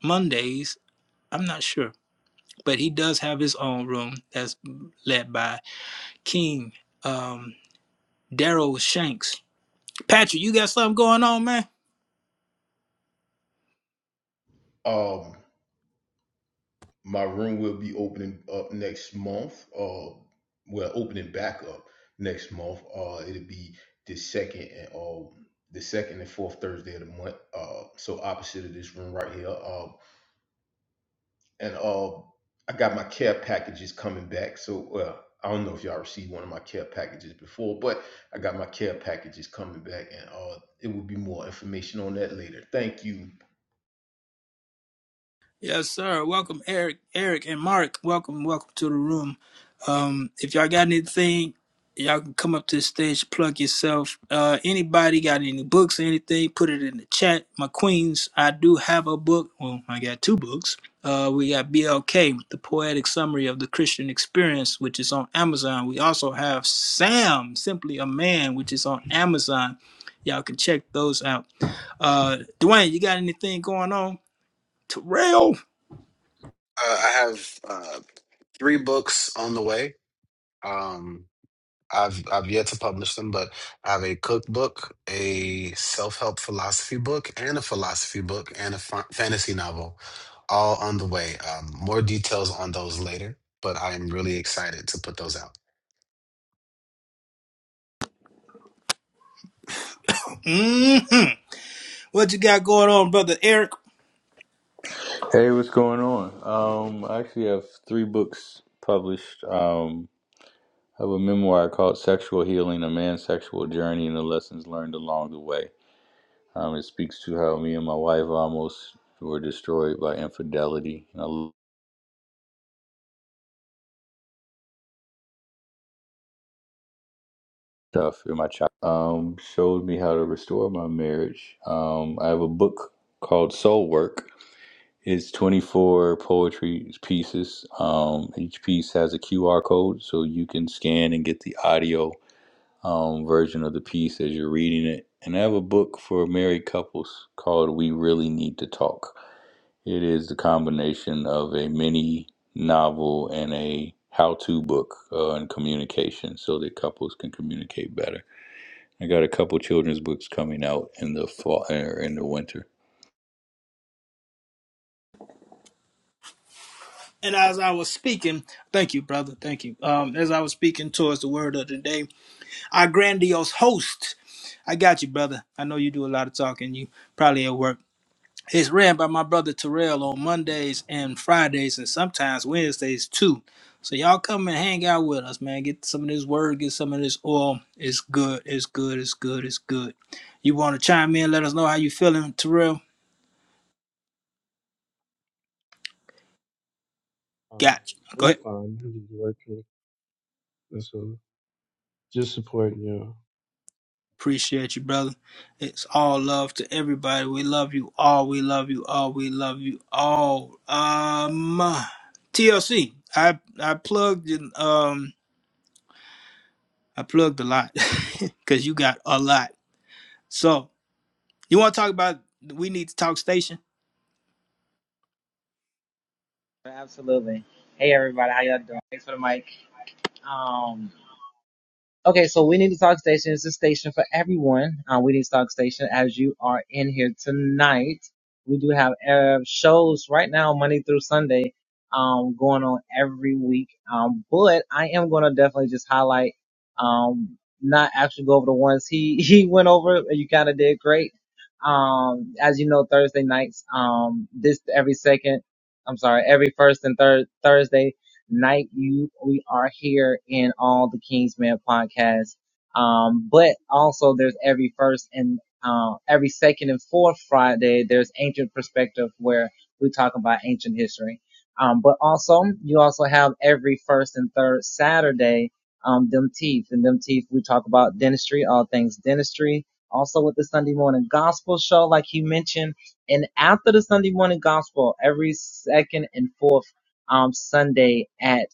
A: Mondays. I'm not sure, but he does have his own room that's led by King, um, Daryl Shanks. Patrick, you got something going on, man?
E: Um, my room will be opening up next month. Uh, well, opening back up next month. Uh, it'll be the second and uh, the second and fourth Thursday of the month. Uh, so opposite of this room right here. Um and uh, I got my care packages coming back. So, well, I don't know if y'all received one of my care packages before, but I got my care packages coming back, and uh, it will be more information on that later. Thank you.
A: Yes, sir. Welcome, Eric, Eric, and Mark. Welcome, welcome to the room. Um, if y'all got anything, y'all can come up to the stage, plug yourself. Uh, anybody got any books or anything? Put it in the chat. My queens, I do have a book. Well, I got two books. Uh, we got BLK, the poetic summary of the Christian experience, which is on Amazon. We also have Sam, simply a man, which is on Amazon. Y'all can check those out. Uh, Dwayne, you got anything going on? Terrell.
I: Uh, I have uh, three books on the way. Um, I've I've yet to publish them, but I have a cookbook, a self-help philosophy book, and a philosophy book, and a fa- fantasy novel, all on the way. Um, more details on those later, but I am really excited to put those out.
A: hmm What you got going on, brother Eric?
J: Hey, what's going on? Um, I actually have three books published. Um, I have a memoir called Sexual Healing, A Man's Sexual Journey and the Lessons Learned Along the Way. Um, it speaks to how me and my wife almost were destroyed by infidelity and a lot of stuff in my child. Um, showed me how to restore my marriage. Um, I have a book called Soul Work. It's 24 poetry pieces. Um, each piece has a QR code so you can scan and get the audio um, version of the piece as you're reading it. And I have a book for married couples called We Really Need to Talk. It is the combination of a mini novel and a how to book uh, on communication so that couples can communicate better. I got a couple children's books coming out in the fall or in the winter.
A: And as I was speaking, thank you, brother. Thank you. Um, as I was speaking towards the word of the day, our grandiose host. I got you, brother. I know you do a lot of talking. You probably at work. It's ran by my brother Terrell on Mondays and Fridays, and sometimes Wednesdays too. So y'all come and hang out with us, man. Get some of this word, get some of this oil. It's good. It's good. It's good. It's good. You want to chime in? Let us know how you feeling, Terrell.
K: Um,
A: Got you. Go ahead.
K: I'm fine. I'm just working. That's all. Just supporting you.
A: Appreciate you, brother. It's all love to everybody. We love you all. We love you all. We love you all. Um, TLC. I I plugged in, um I plugged a lot (laughs) because you got a lot. So you want to talk about we need to talk station?
B: Absolutely. Hey everybody, how y'all doing? Thanks for the mic. Um Okay, so We Need to Talk Station is a station for everyone. Uh, we Need to Talk Station, as you are in here tonight, we do have uh, shows right now, Monday through Sunday, um, going on every week. Um, but I am going to definitely just highlight, um, not actually go over the ones he, (laughs) he went over. You kind of did great. Um, as you know, Thursday nights, um, this every second, I'm sorry, every first and third Thursday night you we are here in all the Kingsman podcast. Um, but also there's every first and uh, every second and fourth Friday there's ancient perspective where we talk about ancient history. Um, but also you also have every first and third Saturday um, them teeth and them teeth we talk about dentistry, all things dentistry. Also with the Sunday morning gospel show, like you mentioned, and after the Sunday morning gospel, every second and fourth um, Sunday at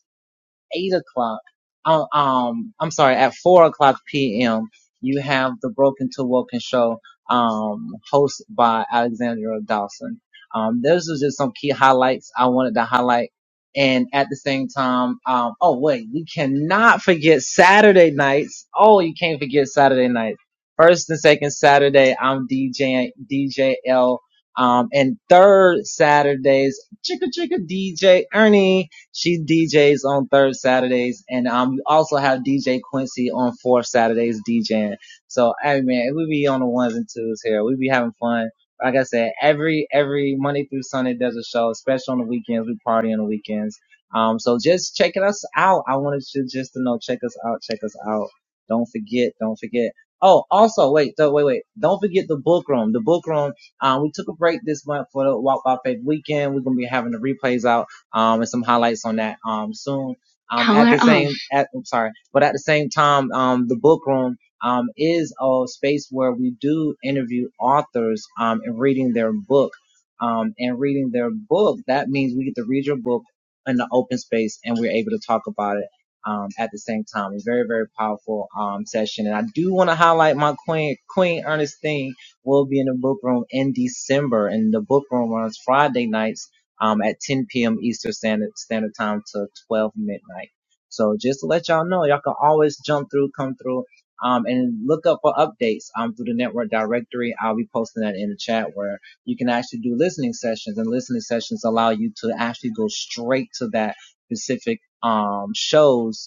B: eight o'clock. Uh, um, I'm sorry, at four o'clock p.m. You have the Broken to Woken show, um, hosted by Alexandra Dawson. Um, those are just some key highlights I wanted to highlight. And at the same time, um, oh wait, we cannot forget Saturday nights. Oh, you can't forget Saturday nights. First and second Saturday, I'm DJing DJL um, and third Saturdays, Chicka Chicka DJ Ernie. She DJs on third Saturdays, and um, we also have DJ Quincy on fourth Saturdays DJing. So, hey man, we be on the ones and twos here. We be having fun. Like I said, every every Monday through Sunday there's a show, especially on the weekends. We party on the weekends. Um, so just checking us out. I wanted you just to know, check us out, check us out. Don't forget, don't forget. Oh, also, wait, th- wait, wait. Don't forget the book room. The book room. Um, we took a break this month for the Walk by Faith weekend. We're gonna be having the replays out um, and some highlights on that um, soon. Um, Color at the same, at, I'm sorry, but at the same time, um, the book room um, is a space where we do interview authors um, and reading their book. Um, and reading their book, that means we get to read your book in the open space and we're able to talk about it um, at the same time. A very, very powerful um, session. And I do want to highlight my queen, Queen Ernestine will be in the book room in December. And the book room runs Friday nights um, at 10 p.m. Eastern Standard, Standard Time to 12 midnight. So just to let y'all know, y'all can always jump through, come through, um, and look up for updates, um, through the network directory. I'll be posting that in the chat where you can actually do listening sessions and listening sessions allow you to actually go straight to that specific, um, shows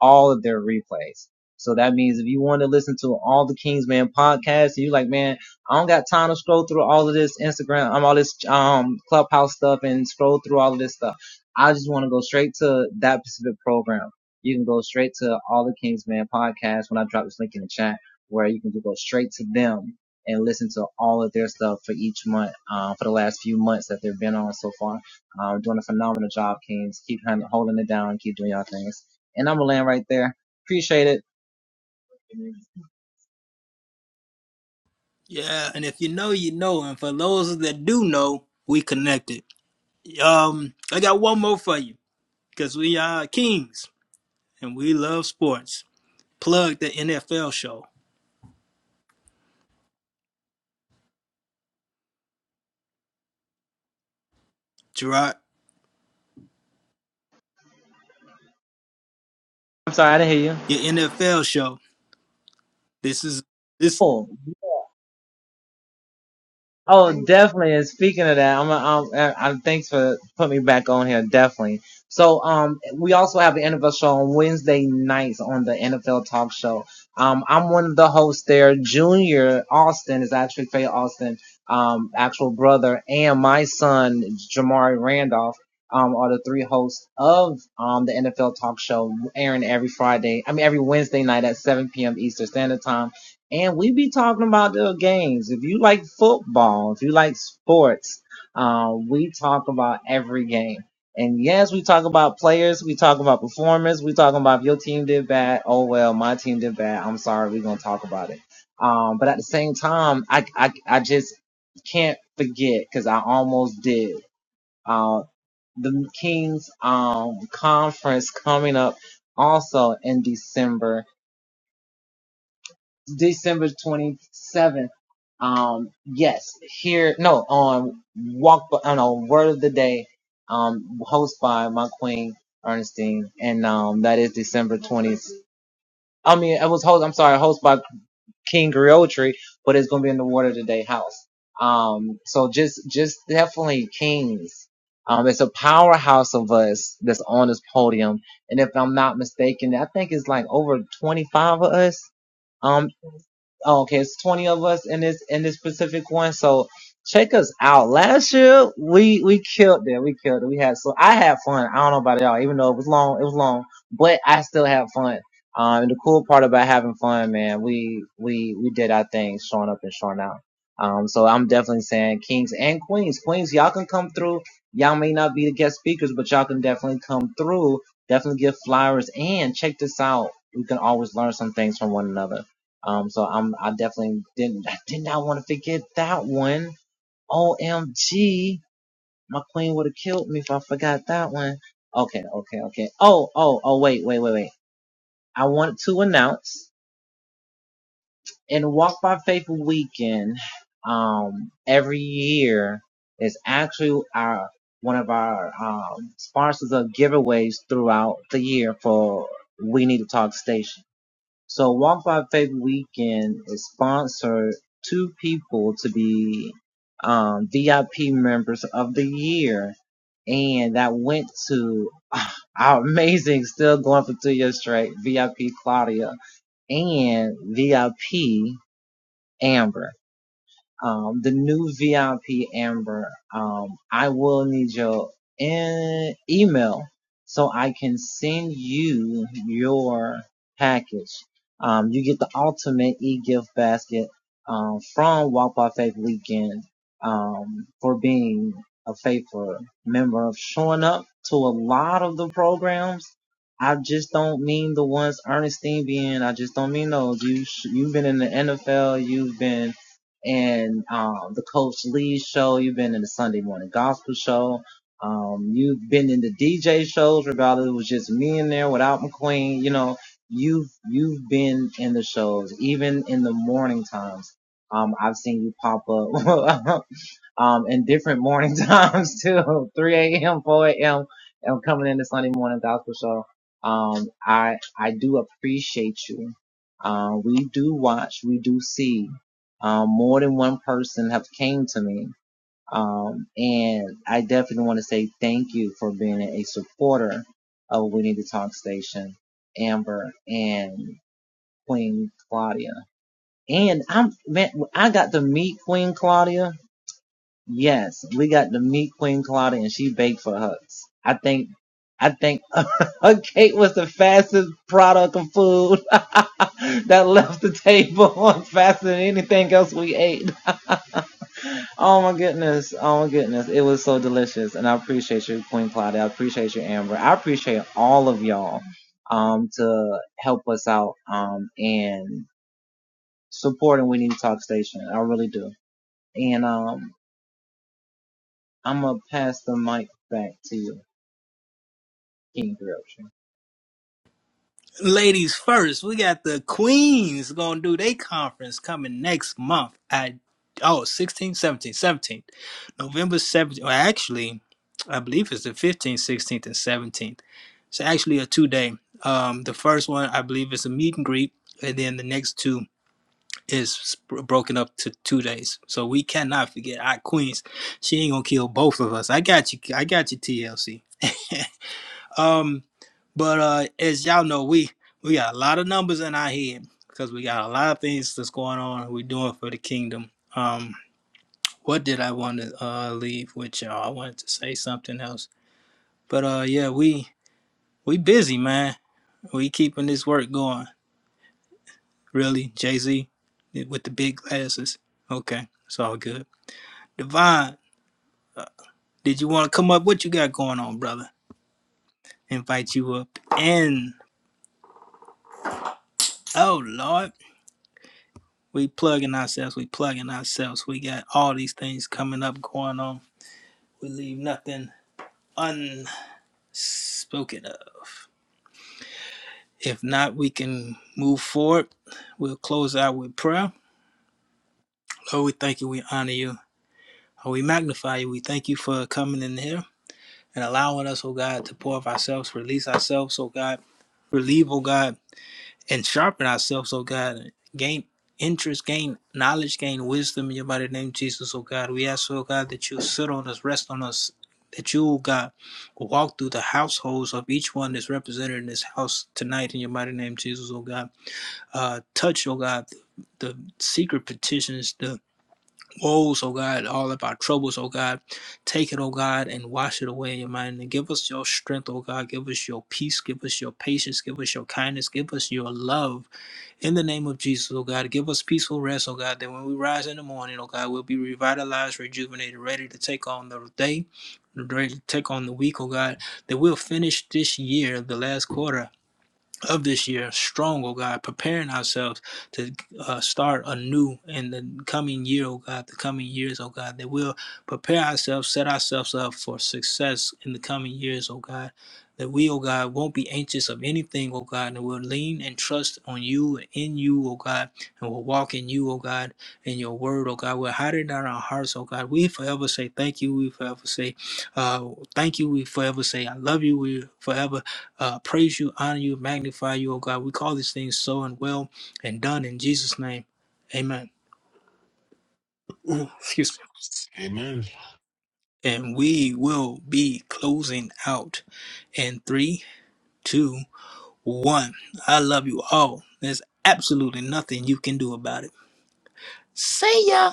B: all of their replays. So that means if you want to listen to all the Kingsman podcasts and you are like, man, I don't got time to scroll through all of this Instagram, um, all this um clubhouse stuff and scroll through all of this stuff. I just want to go straight to that specific program. You can go straight to all the Kingsman podcasts when I drop this link in the chat where you can go straight to them and listen to all of their stuff for each month, um, for the last few months that they've been on so far. Um, doing a phenomenal job, Kings. Keep holding it down. Keep doing y'all things. And I'm gonna land right there. Appreciate it.
A: Yeah, and if you know, you know, and for those that do know, we connected. Um, I got one more for you because we are kings and we love sports. Plug the NFL show, Gerard.
B: I'm sorry, I didn't hear you.
A: your NFL show. This is this
B: Cool. Oh, definitely. And speaking of that, I'm, I'm, uh, I'm thanks for putting me back on here. Definitely. So, um, we also have the NFL show on Wednesday nights on the NFL Talk Show. Um, I'm one of the hosts there. Junior Austin is actually Faye Austin, um, actual brother, and my son Jamari Randolph. Um, are the three hosts of um the NFL Talk Show airing every Friday. I mean every Wednesday night at 7 p.m. Eastern Standard Time. And we be talking about the games. If you like football, if you like sports, uh, we talk about every game. And yes, we talk about players, we talk about performers, we talking about if your team did bad. Oh well, my team did bad. I'm sorry, we're gonna talk about it. Um, but at the same time, I I, I just can't forget because I almost did. Uh, the Kings um conference coming up also in December December 27th. Um, yes, here, no, on Walk, Bu- on on Word of the Day, um, host by my queen, Ernestine. And, um, that is December 20th. I mean, it was host, I'm sorry, host by King Griotri, but it's going to be in the Word of the Day house. Um, so just, just definitely Kings. Um, it's a powerhouse of us that's on this podium. And if I'm not mistaken, I think it's like over 25 of us Um. Oh, okay, it's 20 of us in this in this specific one. So check us out. Last year we we killed it. We killed it. We had so I had fun. I don't know about y'all, even though it was long, it was long, but I still had fun. Um, and the cool part about having fun, man, we we we did our thing, showing up and showing out. Um, so I'm definitely saying kings and queens, queens, y'all can come through. Y'all may not be the guest speakers, but y'all can definitely come through. Definitely give flowers and check this out. We can always learn some things from one another. Um, so I'm, I definitely didn't, I did not want to forget that one. OMG. My queen would have killed me if I forgot that one. Okay, okay, okay. Oh, oh, oh, wait, wait, wait, wait. I want to announce in Walk by Faith weekend, um, every year is actually our, one of our, um, sponsors of giveaways throughout the year for We Need to Talk Station. So Walk by Faith Weekend is sponsored two people to be um, VIP members of the year, and that went to (sighs) ah, our amazing, still going for two years straight, VIP Claudia and VIP Amber. Um, the new VIP Amber, um, I will need your e- email so I can send you your package. Um, you get the ultimate e-gift basket, um, from Walk by Faith Weekend, um, for being a faithful member of showing up to a lot of the programs. I just don't mean the ones Ernestine being. I just don't mean those. You sh- you've been in the NFL. You've been and um, the Coach Lee show. You've been in the Sunday morning gospel show. Um, you've been in the DJ shows, regardless it was just me in there without McQueen. You know, you've you've been in the shows, even in the morning times. Um, I've seen you pop up (laughs) um, in different morning (laughs) times too, 3 a.m., 4 a.m. and coming into Sunday morning gospel show. Um, I, I do appreciate you. Um, we do watch, we do see, um, more than one person have came to me. Um, and I definitely want to say thank you for being a supporter of We Need to Talk Station, Amber and Queen Claudia. And I'm, man, I got to meet Queen Claudia Yes, we got to meet Queen Claudia and she baked for us. I think, I think her cake was the fastest product of food (laughs) that left the table (laughs) faster than anything else we ate. Oh my goodness. Oh my goodness. It was so delicious. And I appreciate you, Queen Claudia. I appreciate you, Amber. I appreciate all of y'all, um, to help us out, um, and supporting We Need to Talk Station. I really do. And, um, I'm going to pass the mic back to you. interruption
A: ladies first. We got the Queens gonna do their conference coming next month at oh 16, 17, 17th. November 17th. Well, actually, I believe it's the 15th, 16th, and 17th. It's actually a two day. Um, the first one I believe is a meet and greet, and then the next two is broken up to two days. So we cannot forget our Queens. She ain't gonna kill both of us. I got you. I got you, TLC. Um, But uh, as y'all know, we we got a lot of numbers in our head because we got a lot of things that's going on. We're doing for the kingdom. Um, what did I want to uh, leave with y'all? I wanted to say something else, but uh, yeah, we we busy, man. We keeping this work going. Really, Jay Z with the big glasses. Okay, it's all good. Divine, did you want to come up? What you got going on, brother? Invite you up. And oh Lord, We plugging ourselves. We plugging ourselves. We got all these things coming up, going on. We leave nothing unspoken of. If not, we can move forward. We'll close out with prayer. Lord, we thank you. We honor you. Oh, we magnify you. We thank you for coming in here and allowing us, oh God, to pour of ourselves, release ourselves, oh God. Relieve, oh God. and sharpen ourselves, oh God. Gain interest, gain knowledge, gain wisdom in your mighty name, Jesus, oh God. We ask, oh God, that you sit on us, rest on us, that you, oh God, will walk through the households of each one that's represented in this house tonight in your mighty name, Jesus, oh God. Uh, touch, oh God, the secret petitions, the woes, oh God, all of our troubles, oh God. Take it, oh God, and wash it away in your mind. And give us your strength, oh God. Give us your peace. Give us your patience. Give us your kindness. Give us your love in the name of Jesus, oh God, give us peaceful rest, oh God, that when we rise in the morning, oh God, we'll be revitalized, rejuvenated, ready to take on the day, ready to take on the week, oh God, that we'll finish this year, the last quarter, of this year strong, oh God, preparing ourselves to uh, start anew in the coming year, oh God, the coming years, oh God, that we'll prepare ourselves, set ourselves up for success in the coming years, oh God. That we, oh God, won't be anxious of anything, oh God, and we'll lean and trust on you and in you, oh God, and we'll walk in you, oh God, in your word, oh God. We'll hide it in our hearts, oh God. We forever say thank you. We forever say uh, thank you. We forever say I love you. We forever uh, praise you, honor you, magnify you, oh God. We call these things so and well and done in Jesus' name. Amen. (clears throat) Ooh, excuse me.
I: Amen.
A: And we will be closing out in three, two, one. I love you all. There's absolutely nothing you can do about it. See ya.